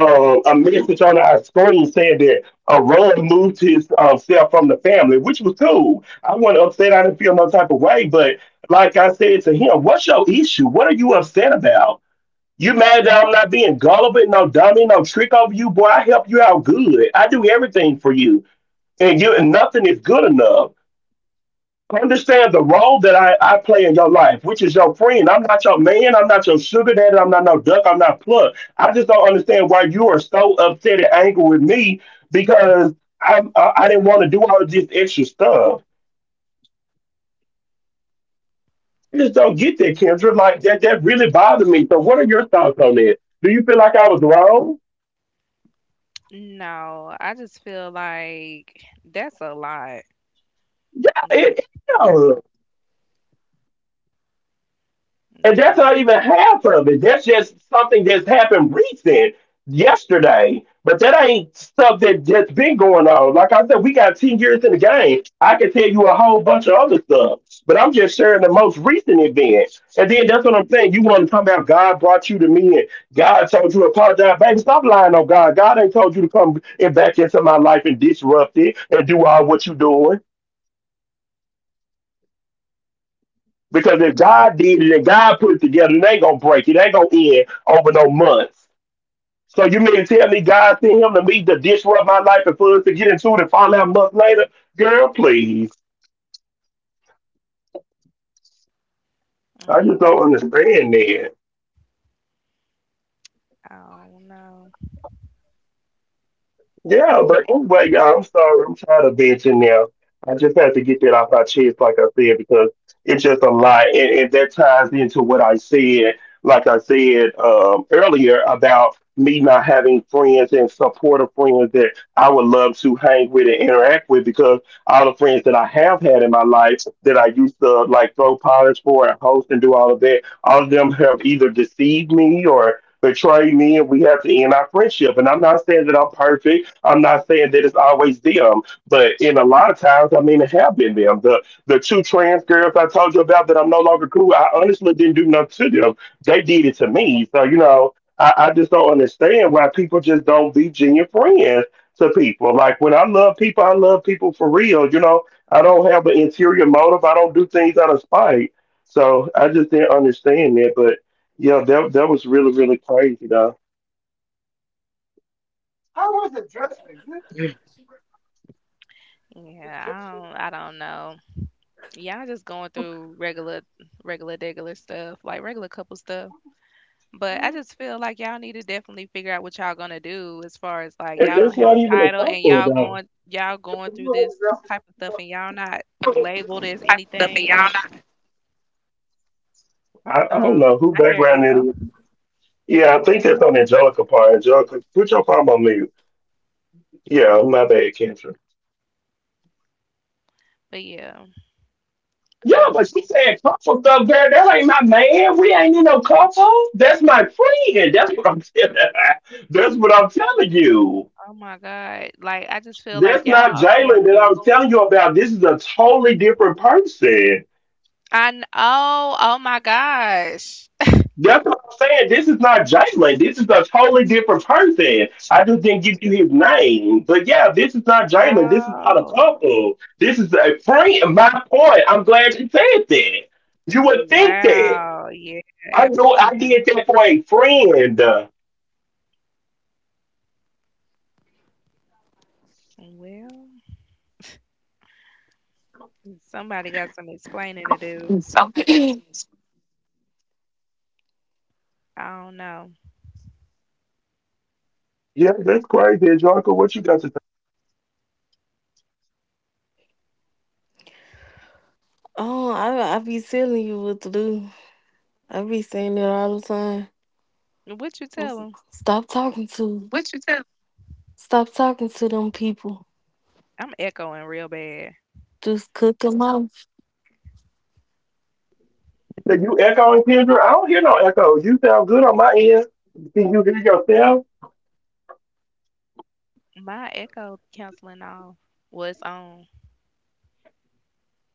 A: uh, a message on our screen saying that Ron moved his self from the family, which was cool. I wasn't upset. I didn't feel no type of way. But like I said to him, what's your issue? What are you upset about? You mad that I'm not being gullible? No dummy, no trick over you, boy. I help you out good. I do everything for you, and you and nothing is good enough. Understand the role that I play in your life, which is your friend. I'm not your man. I'm not your sugar daddy. I'm not no duck. I'm not plug. I just don't understand why you are so upset and angry with me because I didn't want to do all of this extra stuff. I just don't get that, Kendra. Like that really bothered me. So, what are your thoughts on that? Do you feel like I was wrong?
B: No, I just feel like that's a lot.
A: Yeah,
B: Mm.
A: it is. And that's
B: Yeah.
A: not even half of it. That's just something that's happened recent, yesterday. But that ain't stuff that, that's been going on. Like I said, we got 10 years in the game. I can tell you a whole bunch of other stuff, but I'm just sharing the most recent event. And then that's what I'm saying. You want to come out, God brought you to me and God told you to apologize. Baby, stop lying on God. God ain't told you to come and back into my life and disrupt it and do all what you're doing. Because if God did it and God put it together, it ain't gonna break. It ain't gonna end over no months. So you mean to tell me God sent him to me to disrupt my life and for us to get into it and find out months later? Girl, please.
B: Mm.
A: I just
B: Yeah,
A: don't understand that.
B: I don't know.
A: Yeah, but anyway, y'all, I'm sorry. I'm tired of venting now. I just have to get that off my chest, like I said, because it's just a lot. And that ties into what I said, like I said earlier about me not having friends and supportive friends that I would love to hang with and interact with because all the friends that I have had in my life that I used to like throw parties for and host and do all of that, all of them have either deceived me or betrayed me and we have to end our friendship. And I'm not saying that I'm perfect, I'm not saying that it's always them, but in a lot of times, I mean, it have been them. The two trans girls I told you about that I'm no longer cool. I honestly didn't do nothing to them. They did it to me. So you know, I just don't understand why people just don't be genuine friends to people. Like when I love people for real. You know, I don't have an interior motive. I don't do things out of spite. So I just didn't understand that. But yeah, that was really really crazy though.
B: Yeah, I don't know. Y'all just going through regular, regular, regular stuff, like regular couple stuff. But I just feel like y'all need to definitely figure out what y'all gonna do, as far as, like,
A: And
B: y'all don't
A: that's
B: have
A: not
B: a
A: even a
B: title, and
A: couple
B: y'all
A: though.
B: going, y'all going through this type of stuff, and y'all not labeled as
C: Type of stuff, and
B: anything.
C: y'all not
A: I don't know
B: Um,
A: who
B: I hear an
A: background it
B: echo.
A: is. Yeah, I think that's on Angelica part. Angelica, put your phone on mute. Yeah, my bad, Kendra.
B: But yeah.
A: Yeah, but
B: Um,
A: she said couple stuff there. That ain't my man. We ain't in no couple. That's my friend. That's what I'm telling. That's what I'm telling you.
B: oh my God. Like, I just feel like
A: That's not
B: y'all are going
A: Jalen that I
B: through.
A: was telling you about. This is a totally different person.
B: I know. Oh my gosh.
A: That's what I'm saying. This is not Jalen. This is a totally different person. I just didn't give you his name. But yeah, this is not Jalen. This is not a
B: Oh,
A: couple. This is a friend. My point. I'm glad you said that. You would think that.
B: wow. Yeah,
A: I know I
B: absolutely.
A: did that for a friend.
B: Well, somebody got some explaining to do.
C: so.
B: I don't know.
A: Yeah, that's crazy, Jonko. What you got to say?
C: Oh, I be telling you what to do. I be saying it all the time.
B: What you
C: What's-
B: tell them?
C: Stop talking to. What you tell? Stop talking to them people.
B: I'm echoing real bad.
C: Just cook them off.
A: You echoing, Kendra? I don't hear no echo. You sound good on my end. Can you hear yourself?
B: My echo canceling off. What's on?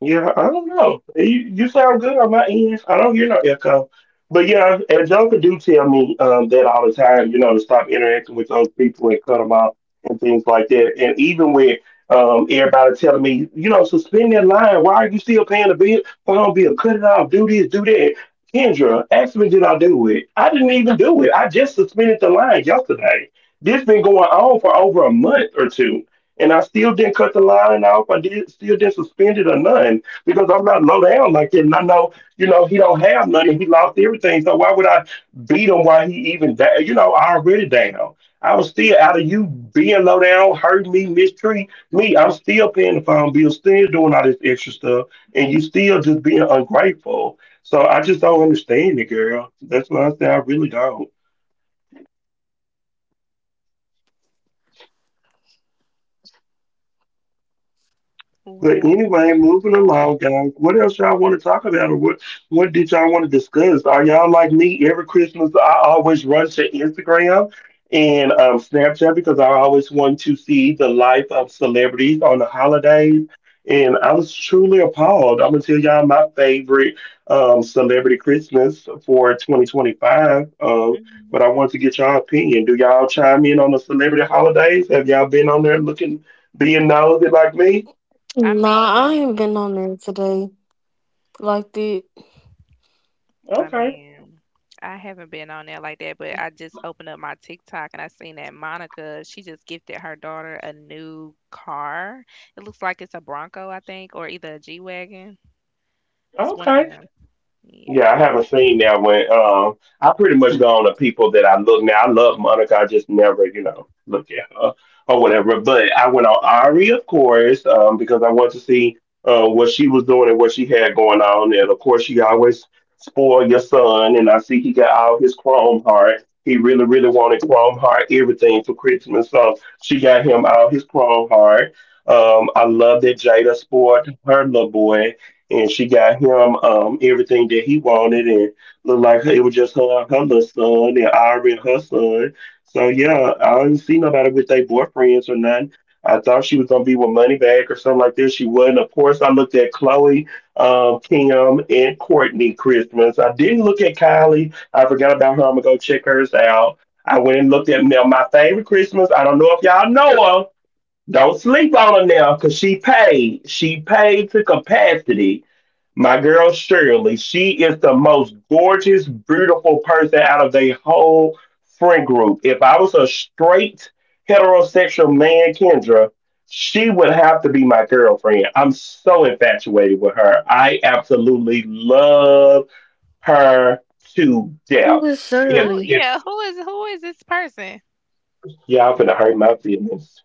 A: Yeah, I don't know. You sound good on my end. I don't hear no echo. But yeah, and Joker do tell me that all the time, you know, to stop interacting with those people and cut them out and things like that. And even with everybody telling me, you know, suspend that line. Why are you still paying the bill? Phone bill, cut it off. Do this, do that. Kendra, ask me, did I do it? I didn't even do it. I just suspended the line yesterday. This been going on for over a month or two. And I still didn't cut the line off. I did still didn't suspend it or nothing because I'm not low down like that. And I know, you know, he don't have nothing. He lost everything. So why would I beat him while he even down? You know, I already down. I was still out of you being low down, hurting me, mistreat me. I'm still paying the phone bill, still doing all this extra stuff, and you still just being ungrateful. So I just don't understand it, girl. That's what I say. I really don't. But
B: Well.
A: anyway, moving along, guys. What else y'all want to talk about, or what? What did y'all want to discuss? Are y'all like me? Every Christmas, I always run to Instagram and Snapchat because I always want to see the life of celebrities on the holidays. And I was truly appalled. I'm gonna tell y'all my favorite celebrity Christmas for 2025.
B: Mhm.
A: But I want to get y'all opinion. Do y'all chime in on the celebrity holidays? Have y'all been on there looking, being nosy like me?
B: I
C: Nah, I
B: mean,
C: ain't been on there today like that.
B: I
A: Okay.
B: mean, I haven't been on there like that, but I just opened up my TikTok and I seen that Monica, she just gifted her daughter a new car. It looks like it's a Bronco, I think, or either a G-Wagon. It's one of
A: Okay.
B: them.
A: Yeah,
B: Yeah.
A: I haven't seen that one. I pretty much go on to people that I look now. I love Monica. I just never, you know, look at her or whatever. But I went on Ari, of course, because I wanted to see what she was doing and what she had going on. And of course, she always spoil your son. And I see he got all his Chrome Heart. He really, really wanted Chrome Heart everything for Christmas. So she got him all his Chrome Heart. I love that Jada spoiled her little boy. And she got him everything that he wanted, and looked like it was just her little son, and Ari and her son. So yeah, I didn't see nobody with their boyfriends or nothing. I thought she was gonna be with Moneybag or something like this. She wasn't. Of course, I looked at Chloe, Kim, and Courtney Christmas. I didn't look at Kylie. I forgot about her. I'm gonna go check hers out. I went and looked at now my favorite Christmas. I don't know if y'all know her. Don't sleep on her now, cause she paid. She paid to capacity. My girl Shirley, she is the most gorgeous, beautiful person out of the whole friend group. If I was a straight heterosexual man, Kendra, she would have to be my girlfriend. I'm so infatuated with her. I absolutely love her to
C: Who
A: death.
C: is
A: If
C: Shirley?
A: if
B: Yeah, who is this person?
A: y'all finna hurt my feelings,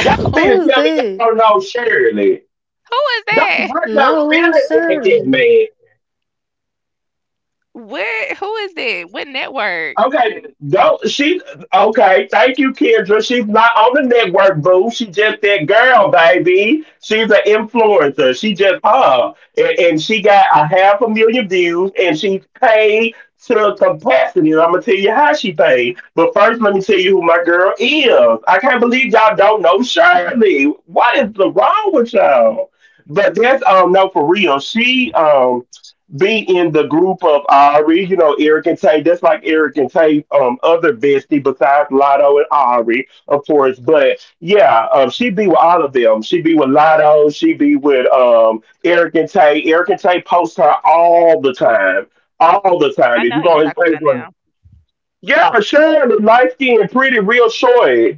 A: y'all finna
C: Who was
A: tell me y'all
C: that?
A: don't know Shirley.
B: Who is
A: Don't
B: that?
A: bring up
C: No, it
A: feelings
C: was
A: like that,
C: Shirley.
A: man.
B: Who is that? What network?
A: Okay, don't she? Okay, thank you, Kendra. She's not on the network, boo. She just that girl, baby. She's an influencer. She just her, and she got a half a million views, and she's paid to capacity. And I'm gonna tell you how she paid. But first, let me tell you who my girl is. I can't believe y'all don't know Shirley. What is the wrong with y'all? But that's no, for real. She be in the group of Ari, you know, Eric and Tay. That's like Eric and Tay, other bestie besides Lotto and Ari, of course. But yeah, she be with all of them. She be with Lotto. She be with Eric and Tay. Eric and Tay post her all the time, all the time.
B: I
A: If
B: know
A: you
B: who you
A: go on his
B: talking about
A: Facebook,
B: now.
A: yeah, Sean, the light skin, pretty, real short.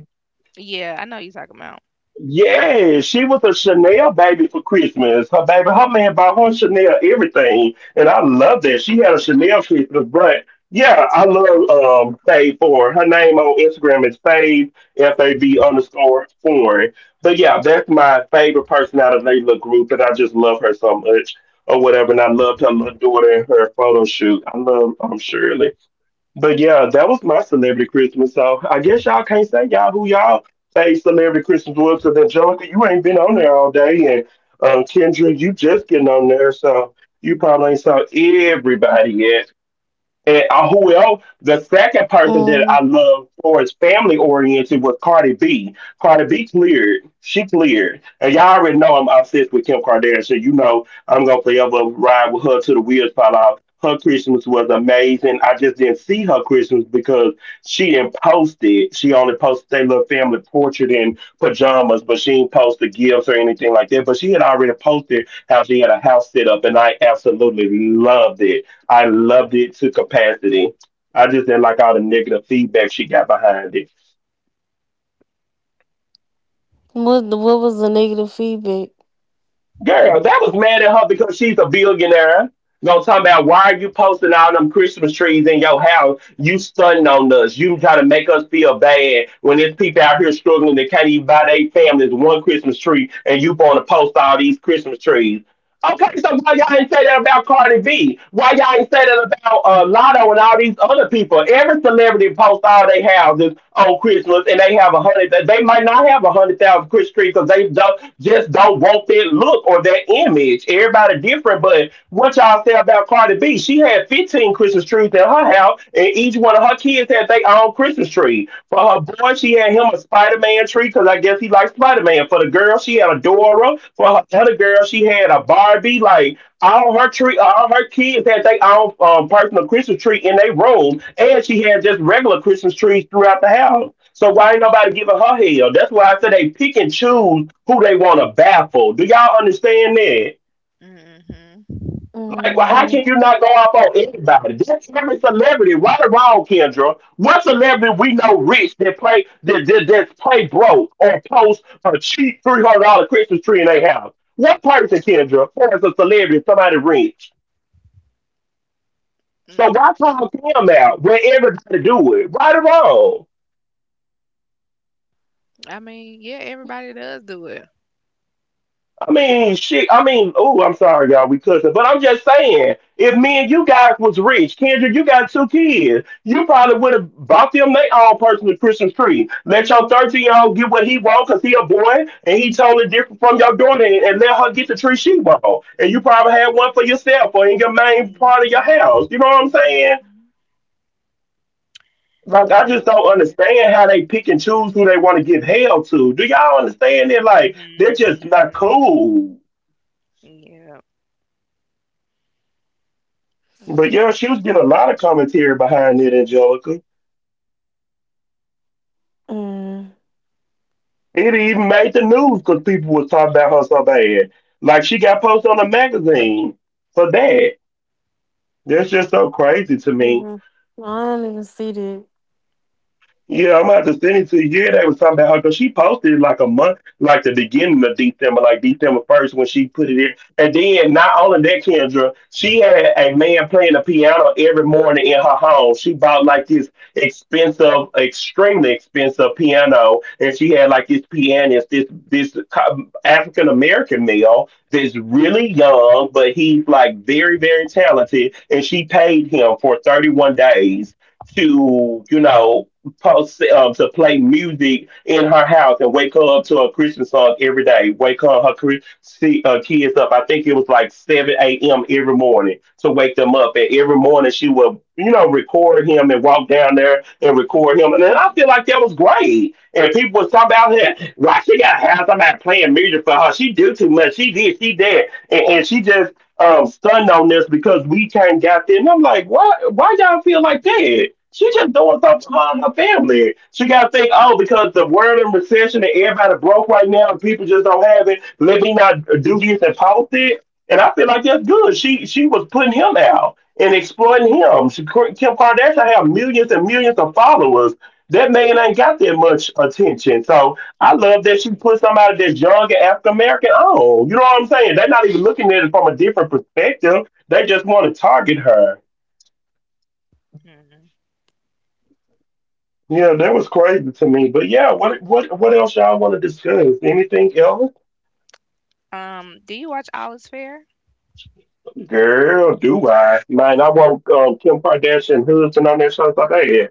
B: Yeah, I know who you talking about.
A: Yeah, she was a Chanel baby for Christmas. Her baby, her man bought her Chanel everything, and I love that. She had a Chanel Christmas, but yeah, I love Fave Four. Her name on Instagram is Fave FAV underscore Foreign. But yeah, that's my favorite person out of their little group, and I just love her so much or whatever. And I loved her little daughter and her photo shoot. I love Shirley. But yeah, that was my celebrity Christmas. So I guess y'all can't say y'all who y'all say celebrity Christmas was because Angelica, you ain't been on there all day, and Kendra, you just getting on there, so you probably ain't saw everybody yet. And who else? The second person that
C: Mm.
A: I love for is family oriented was Cardi B. Cardi B cleared. She cleared. And y'all already know I'm obsessed with Kim Kardashian. So, you know I'm gonna forever ride with her till the wheels fall off. Her Christmas was amazing. I just didn't see her Christmas because she didn't post it. She only posted their little family portrait in pajamas, but she didn't post the gifts or anything like that. But she had already posted how she had a house set up, and I absolutely loved it. I loved it to capacity. I just didn't like all the negative feedback she got behind it.
C: What was the negative feedback?
A: Girl, that was mad at her because she's a billionaire. Gonna talk about why are you posting all them Christmas trees in your house? You stunting on us. You trying to make us feel bad when there's people out here struggling that can't even buy their families one Christmas tree, and you want to post all these Christmas trees. Okay, so why y'all ain't say that about Cardi B? Why y'all ain't say that about Lotto and all these other people? Every celebrity posts all they houses on Christmas, and they have a hundred. They might not have 100,000 Christmas trees because they don't, just don't want that look or that image. Everybody different, but what y'all say about Cardi B? She had 15 Christmas trees in her house, and each one of her kids had their own Christmas. Christmas tree. For her boy, she had him a Spider Man tree because I guess he likes Spider Man. For the girl, she had a Dora. For her other girl, she had a Barbie. Like all her tree, all her kids had their own personal Christmas tree in their room, and she had just regular Christmas trees throughout the house. So why ain't nobody giving her hell? That's why I said they pick and choose who they want to baffle. Do y'all understand that?
B: Hmm.
A: Like, well, how
C: Mm-hmm.
A: can you not go off on anybody? That's every celebrity, right or wrong, Kendra. What celebrity we know rich that play that play broke or post a cheap $300 Christmas tree in their house? What person, Kendra, forms a celebrity, somebody rich? So
B: Mm.
A: why call him out where everybody do it, right or wrong?
B: I mean, yeah, everybody does do it.
A: I mean, shit. I mean, oh, I'm sorry, y'all. We cussing, but I'm just saying, if me and you guys was rich, Kendra, you got two kids, you probably would have bought them their own personal Christmas tree. Let your 13-year-old get what he wants because he a boy and he totally different from your daughter, and let her get the tree she want. And you probably had one for yourself or in your main part of your house. You know what I'm saying?
B: Hmm.
A: Like, I just
B: Yep.
A: don't understand how they pick and choose who they want to give hell to. Do y'all understand that? Like, they're just
B: Mhm.
A: not cool.
B: Yep. Mm.
A: But yeah, she was getting a lot of commentary behind it, Angelica.
C: Mm.
A: It even made the news because people were talking about her so bad. Like she got posted on a magazine for that. That's just so crazy to me.
C: Hmm. I didn't even see that.
A: Yeah, I'm about to send it to you. Yeah, they was talking about her because she posted like a month, like the beginning of December, like December 1st when she put it in. And then not only that, Kendra, she had a man playing the piano every morning in her home. She bought like this expensive, extremely expensive piano, and she had like this pianist, this African American male that's really young, but he's like very very talented, and she paid him for 31 days to, you know, post, to play music in her house and wake her up to a Christian song every day. Wake see, kids up. I think it was like 7 a.m. every morning to wake them up. And every morning she would, you know, record him and walk down there and record him. And then I feel like that was great. And people was talking about her. Why she got to have somebody playing music for her? She do too much. She did. She did. And she just stunned on this because we can't got there. And I'm like, why? Why y'all feel like that? She just doing something for her and her family. She got to think, oh, because the world in recession and everybody broke right now and people just don't have it. Let me not do this and post it. And I feel like that's good. She was putting him out and exploiting him. She, Kim Kardashian have millions and millions of followers. That man ain't got that much attention. So I love that she put somebody that's young and African American on. You know what I'm saying? They're not even looking at it from a different perspective. They just want to target her.
B: Mhm.
A: Yeah, that was crazy to me. But yeah, what else y'all want to discuss? Anything else?
B: Do you watch Olive's Fair?
A: Girl, do I? Man, I want Kim Kardashian husband on that show. I thought, hey,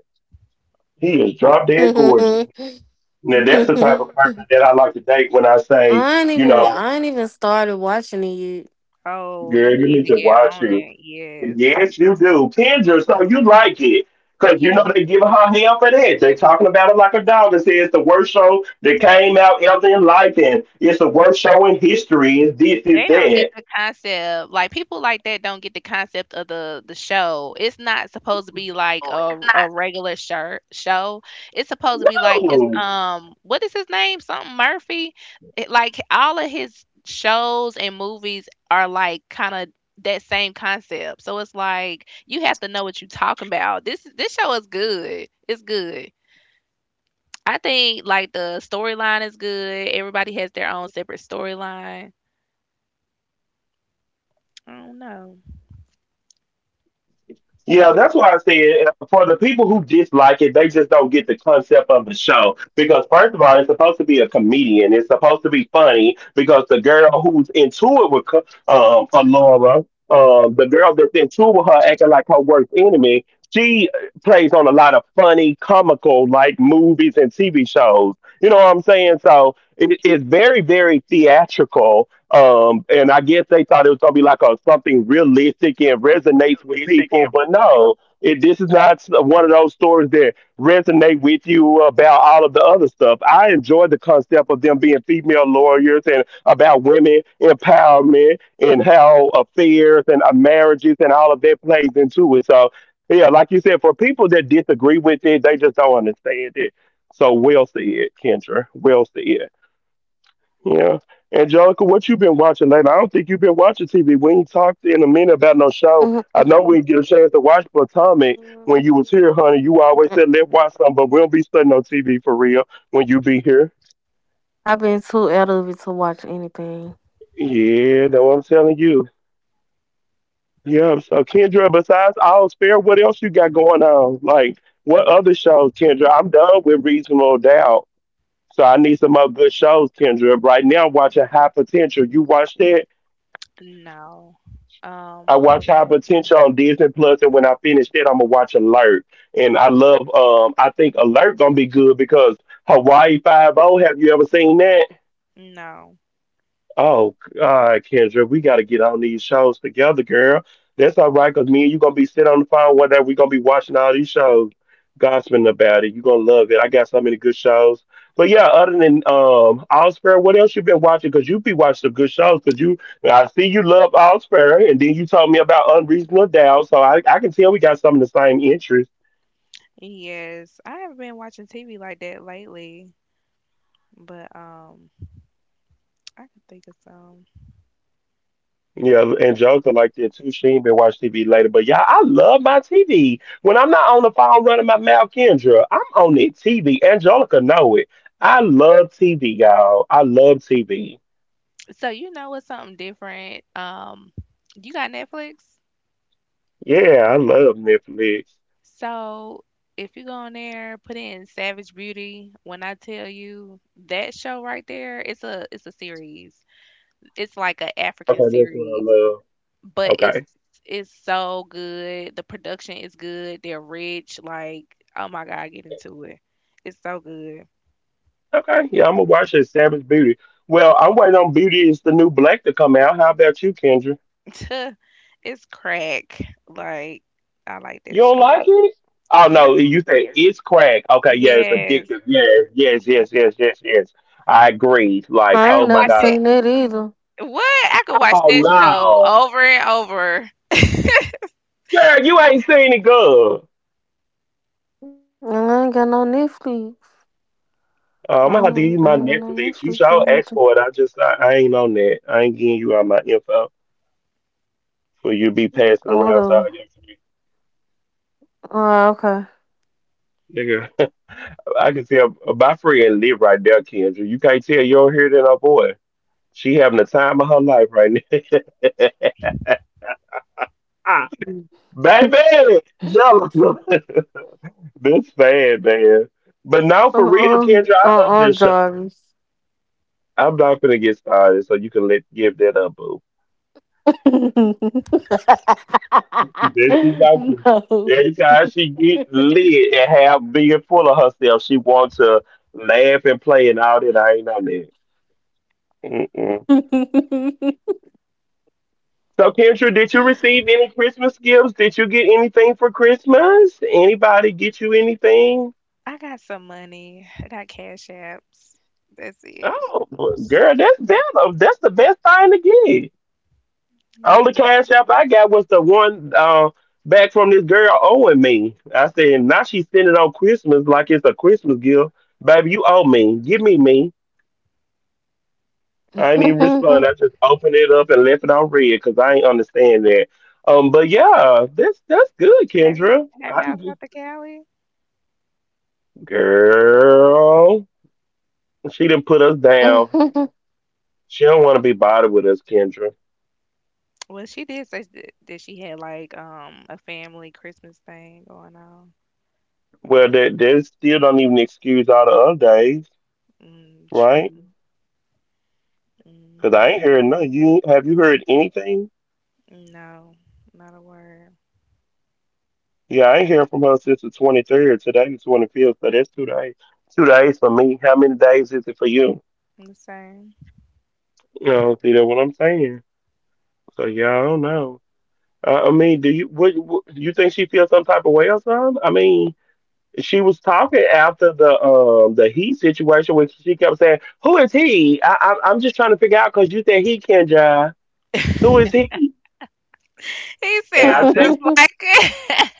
A: he is drop dead gorgeous. Now that's
B: Mm.
A: the type of person that I like to date when I say, you
C: I
A: know,
C: ain't even started watching it yet.
B: Oh,
A: girl,
B: you
A: you
B: need
A: need
B: to
A: to
B: get
A: watch
B: on
A: it.
B: it. Yes.
A: Yes, you do. Kendra, so you like it. Cause you know
B: Yes.
A: they giving her hell for that. They talking about it like a dog and say it's the worst show that came out ever in life and it's the worst show in history. It's this, it's
B: They don't
A: that.
B: get the concept. Like, people like that don't get the concept of the show. It's not supposed to be like
C: Mm-mm.
B: a
C: It's
B: regular shirt show. It's supposed to be like, it's
A: No.
B: what is his name? Something Murphy. Like, all of his shows and movies are like kind of that same concept. So it's like you have to know what you're talking about. This show is good. It's good. I think, like, the storyline is good. Everybody has their own separate storyline. I don't know.
A: Yeah, that's why I said for the people who dislike it, they just don't get the concept of the show. Because first of all, it's supposed to be a comedian. It's supposed to be funny because the girl who's into it with Alora, the girl that's into it with her acting like her worst enemy, she plays on a lot of funny, comical like movies and TV shows. You know what I'm saying? So it's very, very theatrical. And I guess they thought it was gonna be like a something realistic and resonates with people, but no, this is not one of those stories that resonate with you about all of the other stuff. I enjoyed the concept of them being female lawyers and about women empowerment and how affairs and marriages and all of that plays into it. So yeah, like you said, for people that disagree with it, they just don't understand it. So we'll see it, Kendra. We'll Well said. Yeah. Angelica, what you been watching lately? I don't think you've been watching TV. We ain't talked in a minute about no show.
C: not.
A: I know we didn't
C: Mm-mm.
A: get a chance to watch Potomac when
C: Mm.
A: you was here, honey. You always said let's watch something, but we don't be studying no TV for real when you be here.
C: I've been too out of it to watch anything.
A: Yeah, that's what I'm telling you. Yeah, so Kendra, besides All Fair, what else you got going on? Like, what other shows, Kendra? I'm done with Reasonable Doubt. So I need some more good shows, Kendra. Right now, I'm watching High Potential. You watch that?
B: No.
A: I
B: Um,
A: watch High Potential on Disney Plus, and when I finish that, I'm gonna watch Alert. And I think Alert gonna be good because Hawaii Five O. Have you ever seen that?
B: no.
A: Oh, all right, Kendra, we got to get on these shows together, girl. That's all right, because me and you going to be sitting on the phone, whatever. We're going to be watching all these shows, gossiping about it. You going to love it. I got so many good shows. But yeah, other than Allsfair, what else you been watching? Because you be watching some good shows, because I see you love Allsfair, and then you told me about Unreasonable Doubt, so I can tell we got some of the same interests.
B: Yes, I haven't been watching TV like that lately, but I can think of some.
A: Yeah, Angelica like that too. She ain't been watching TV later, but y'all, I love my TV. When I'm not on the phone running my mouth, Kendra, I'm on it TV. Angelica know it. I love TV, y'all. I love TV.
B: So, you know what's something different? You got Netflix?
A: Yeah, I love Netflix.
B: So, if you go on there, put in Savage Beauty. When I tell you, that show right there, it's a series. It's like a
A: Okay,
B: African
A: that's what I
B: series,
A: love.
B: but it's
A: Okay,
B: it's so good. The production is good. They're rich. Like, oh my god, get into it. It's so good.
A: okay. Yeah, I'm gonna watch that Savage Beauty. Well, I'm waiting on Beauty is the New Black to come out. How about you, Kendra?
B: It's crack. Like, I like
A: You
B: that
A: don't
B: show.
A: like it? Oh
B: Yes,
A: no, you say it's crack. Okay, yeah, it's
B: yes.
A: addictive. Yeah, yes,
B: Ye-
A: yes, yes, yes, yes. I agree.
C: I ain't
A: Like,
B: I
C: never
B: could
A: oh my
B: watch
C: seen
A: god.
B: it.
C: that either.
B: What? I could watch
A: Oh
B: that show
A: no.
B: over and over.
A: Girl, you ain't seen it good.
C: And I ain't got no Netflix.
A: I'm gonna have to
C: I
A: use
C: ain't got
A: my
C: no
A: Netflix.
C: Netflix
A: You
C: or
A: should
C: anything.
A: ask for it. I ain't on that. I ain't giving you all my info for you to be
C: Mm.
A: passing
C: Or
A: around to all
C: whatever.
A: your friends.
C: Oh, okay.
A: Nigga, I can tell my friend live right there, Kendra. You can't tell you don't hear that, oh boy. She having the time of her life right now. Baby, Angelica. This sad, man. But now
C: Uh-uh.
A: for real,
C: Uh-uh,
A: Kendra, I love this show.
C: Jarvis.
A: I'm not gonna get started, so you can let give that up, boo. There she go. Every time she get lit and have being full of herself, she wants to laugh and play and all that. I ain't on that. Mm-mm. So, Kendra, did you receive any Christmas gifts? Did you get anything for Christmas? Anybody get you anything?
B: I got some money. I got cash apps. That's it.
A: Oh, girl, that's better. That's the best thing to get. Only
B: Yeah.
A: cash app I got was the one back from this girl owing me. I said, now she's sending on Christmas like it's a Christmas gift. Baby, you owe me. Give me me. I ain't even respond. I just opened it up and left it on red because I ain't understand that. But yeah, that's good,
B: Have you
A: Kendra.
B: have
A: I
B: y'all
A: didn't,
B: got the Cali?
A: girl. She didn't put us down. She don't want to be bothered with us, Kendra.
B: Well, she did say that she had, like, a family Christmas thing going on.
A: Well, that still don't even excuse all the other days,
B: Mm,
A: right?
B: true.
A: Cause I
B: Hmm.
A: ain't heard no. You have you heard anything?
B: No, not a word.
A: Yeah, I ain't heard from her since the 23rd. Today the 25th, so that's 2 days. 2 days for me. How many days is it for you?
B: I'm the same.
A: No, see that's what I'm saying. So yeah, I don't know. I mean, do you what you think she feels some type of way or something? I mean, she was talking after the he situation where she kept saying, "Who is he?" I'm just trying to figure out because you think he can drive. Who is he?
B: He
A: And I
B: sounds
A: checked.
B: just like it.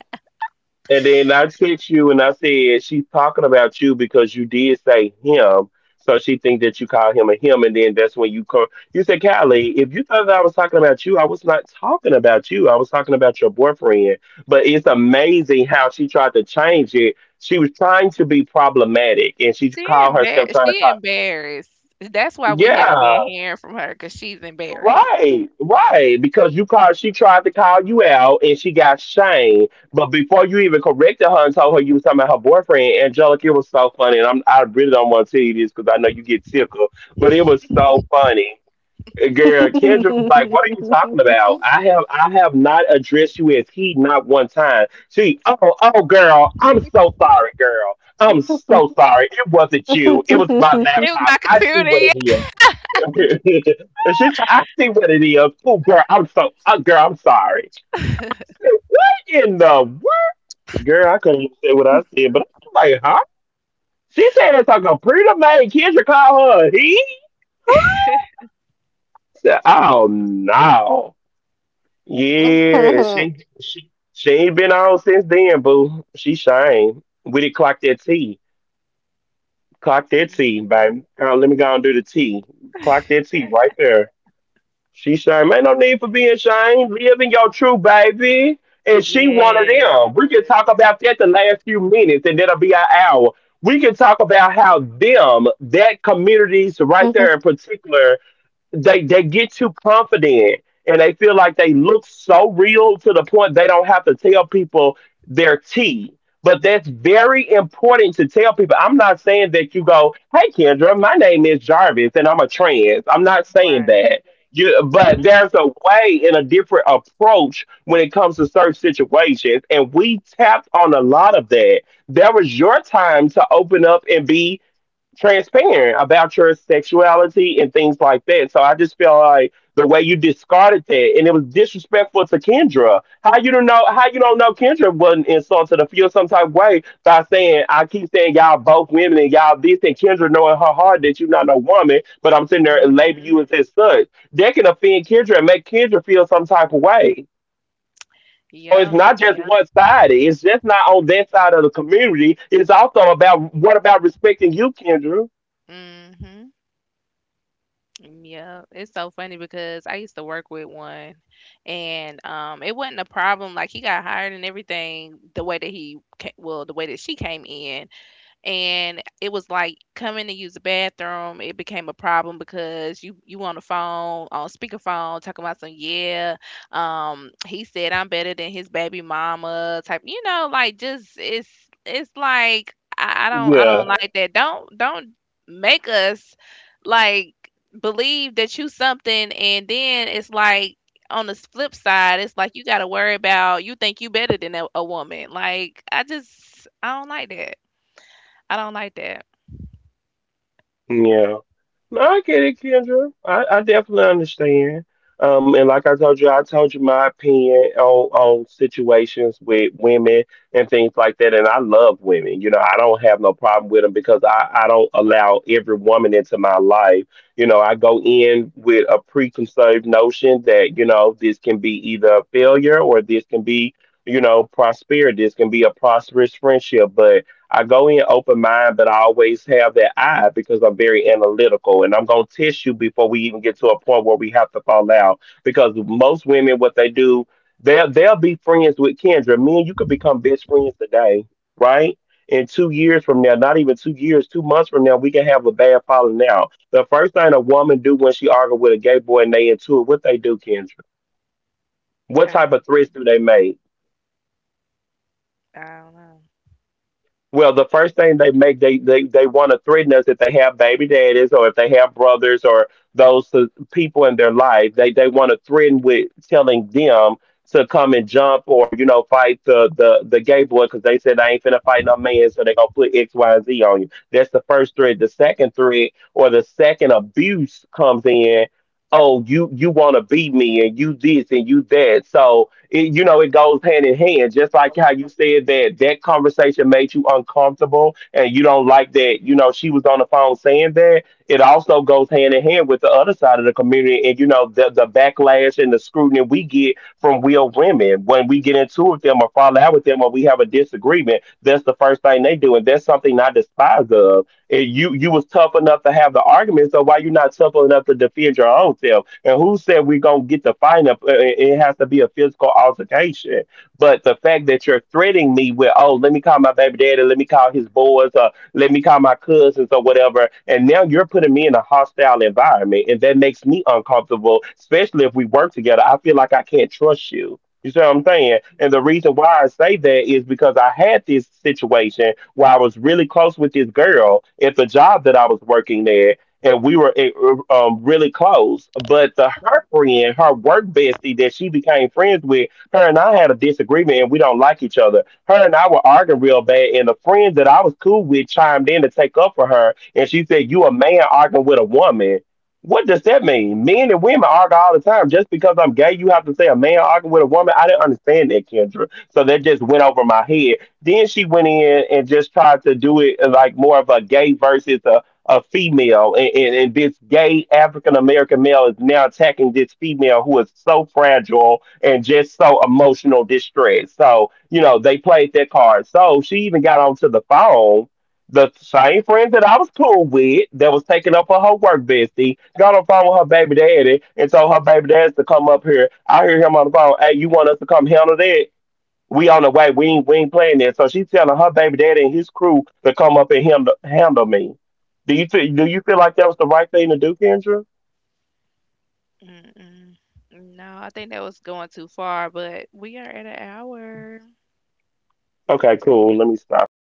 A: And then I text you and I said she's talking about you because you did say him, so she think that you call him a him. And then that's when you call. You said, Callie, if you thought that I was talking about you, I was not talking about you. I was talking about your boyfriend. But it's amazing how she tried to change it. She was trying to be problematic, and she
B: She
A: called herself
B: embarrassed.
A: trying to
B: She
A: call.
B: embarrassed. That's why we haven't been
A: Yeah.
B: hearing from her, because she's embarrassed.
A: Right, right. Because you called, she tried to call you out and she got shamed. But before you even corrected her and told her you was talking about her boyfriend, Angelica, it was so funny. And I really don't want to tell you this because I know you get tickled, but it was so funny. Girl, Kendra was like, "What are you talking about? I have not addressed you as he not one time." Oh, oh, girl, I'm so sorry, girl. I'm so sorry. It wasn't you. It was my
B: It was my
A: laptop. I see
B: computer.
A: what it
B: Yeah.
A: is. She try, I see what it is. Oh, girl, girl, I'm sorry. I said, what in the world? Girl, I couldn't say what I said, but I'm like, huh? She said it's like a pretty man. Kendra called her a he? Huh? I said, oh, no. Yeah, and she ain't been on since then, boo. She shame. We did clock that T. Clock that T, baby. Let me go and do the T. Clock that T right there. She shame. Ain't no need for being ashamed. Live in your truth, baby. And she one of
B: Yes. Yes.
A: them. We can talk about that the last few minutes, and that'll be our hour. We can talk about how them, that communities right there in
C: No.
A: particular, they get too confident and they feel like they look so real to the point they don't have to tell people their tea. But that's very important to tell people. I'm not saying that you go, "Hey Kendra, my name is Jarvis and I'm a trans." I'm not saying
B: Right.
A: that. But there's a way and a different approach when it comes to certain situations, and we tapped on a lot of that. There was your time to open up and be transparent about your sexuality and things like that. So I just feel like the way you discarded that and it was disrespectful to Kendra. How you don't know Kendra wasn't insulted or feel some type of way by saying I keep saying y'all both women and y'all this and Kendra knowing her heart that you're not no woman, but I'm sitting there and label
B: Hmm.
A: you as such. That can offend Kendra and make Kendra feel some type of way. So it's
B: Yep.
A: not just one sided. It's just not on that side of the community. It's also about what about respecting you, Kendra?
B: Hmm. Yeah, it's so funny, because I used to work with one, and it wasn't a problem. Like, he got hired and everything. The way that well, the way that she came in, and it was like coming to use the bathroom, it became a problem, because you on the phone on speakerphone talking about some. Yeah, he said, "I'm better than his baby mama type." You know, like, just, it's like, i, I don't i
A: Yeah.
B: don't like that. Don't make us, like, believe that you something, and then it's like on the flip side, it's like you got to worry about. You think you better than a woman. Like, I don't like that. I don't like that.
A: Yeah. No, I get it, Kendra. I definitely understand. And like I told you my opinion on situations with women and things like that. And I love women. You know, I don't have no problem with them because I don't allow every woman into my life. I go in with a preconceived notion that this can be either a failure or this can be prosperity. This can be a prosperous friendship. But I go in open mind, but I always have that eye because I'm very analytical and I'm going to test you before we even get to a point where we have to fall out. Because most women, what they do, they'll be friends with Kendra. Me and you could become best friends today, right? In 2 years from now, not even 2 years, 2 months from now, we can have a bad falling out. The first thing a woman do when she argue with a gay boy and they into it, what they do, Kendra? What
B: I
A: type of threats do they
B: yeah,
A: make?
B: I don't know.
A: Well, the first thing they make they want to threaten us if they have baby daddies or if they have brothers or those people in their life. They want to threaten with telling them to come and jump or fight the gay boy because they said I ain't finna fight no man, so they gonna put XYZ on you. That's the first threat. The second threat or the second abuse comes in. Oh, you want to beat me and you this and you that. So it goes hand in hand. Just like how you said that that conversation made you uncomfortable and you don't like that, she was on the phone saying that. It also goes hand in hand with the other side of the community and, the backlash and the scrutiny we get from real women when we get into it with them or fall out with them or we have a disagreement. That's the first thing they do. And that's something I despise of. And you was tough enough to have the argument, so why you not tough enough to defend your own self? And who said we gonna get the fight up? It has to be a physical altercation. But the fact that you're threatening me with, oh, let me call my baby daddy, let me call his boys, or let me call my cousins or whatever, and now you're putting me in a hostile environment, and that makes me uncomfortable. Especially if we work together, I feel like I can't trust you. You see what I'm saying? And the reason why I say that is because I had this situation where I was really close with this girl at the job that I was working there, and we were really close. But the her friend, her work bestie that she became friends with, her and I had a disagreement, and we don't like each other. Her and I were arguing real bad, and the friend that I was cool with chimed in to take up for her, and she said, "You a man arguing with a woman." What does that mean? Men and women argue all the time. Just because I'm gay, you have to say a man arguing with a woman. I didn't understand that, Kendra. So that just went over my head. Then she went in and just tried to do it like more of a gay versus a female. And this gay African American male is now attacking this female who is so fragile and just so emotional distress. So, they played that card. So she even got onto the phone. The same friend that I was cool with that was taking up for her work bestie got on the phone with her baby daddy and told her baby daddy to come up here. I hear him on the phone, hey, you want us to come handle that? We on the way. We ain't playing this. So she's telling her baby daddy and his crew to come up and handle me. Do you feel like that was the right thing to do, Kendra?
B: Mm. Mm-mm. No, I think that was going too far, but we are at an hour.
A: Okay, cool. Let me stop it.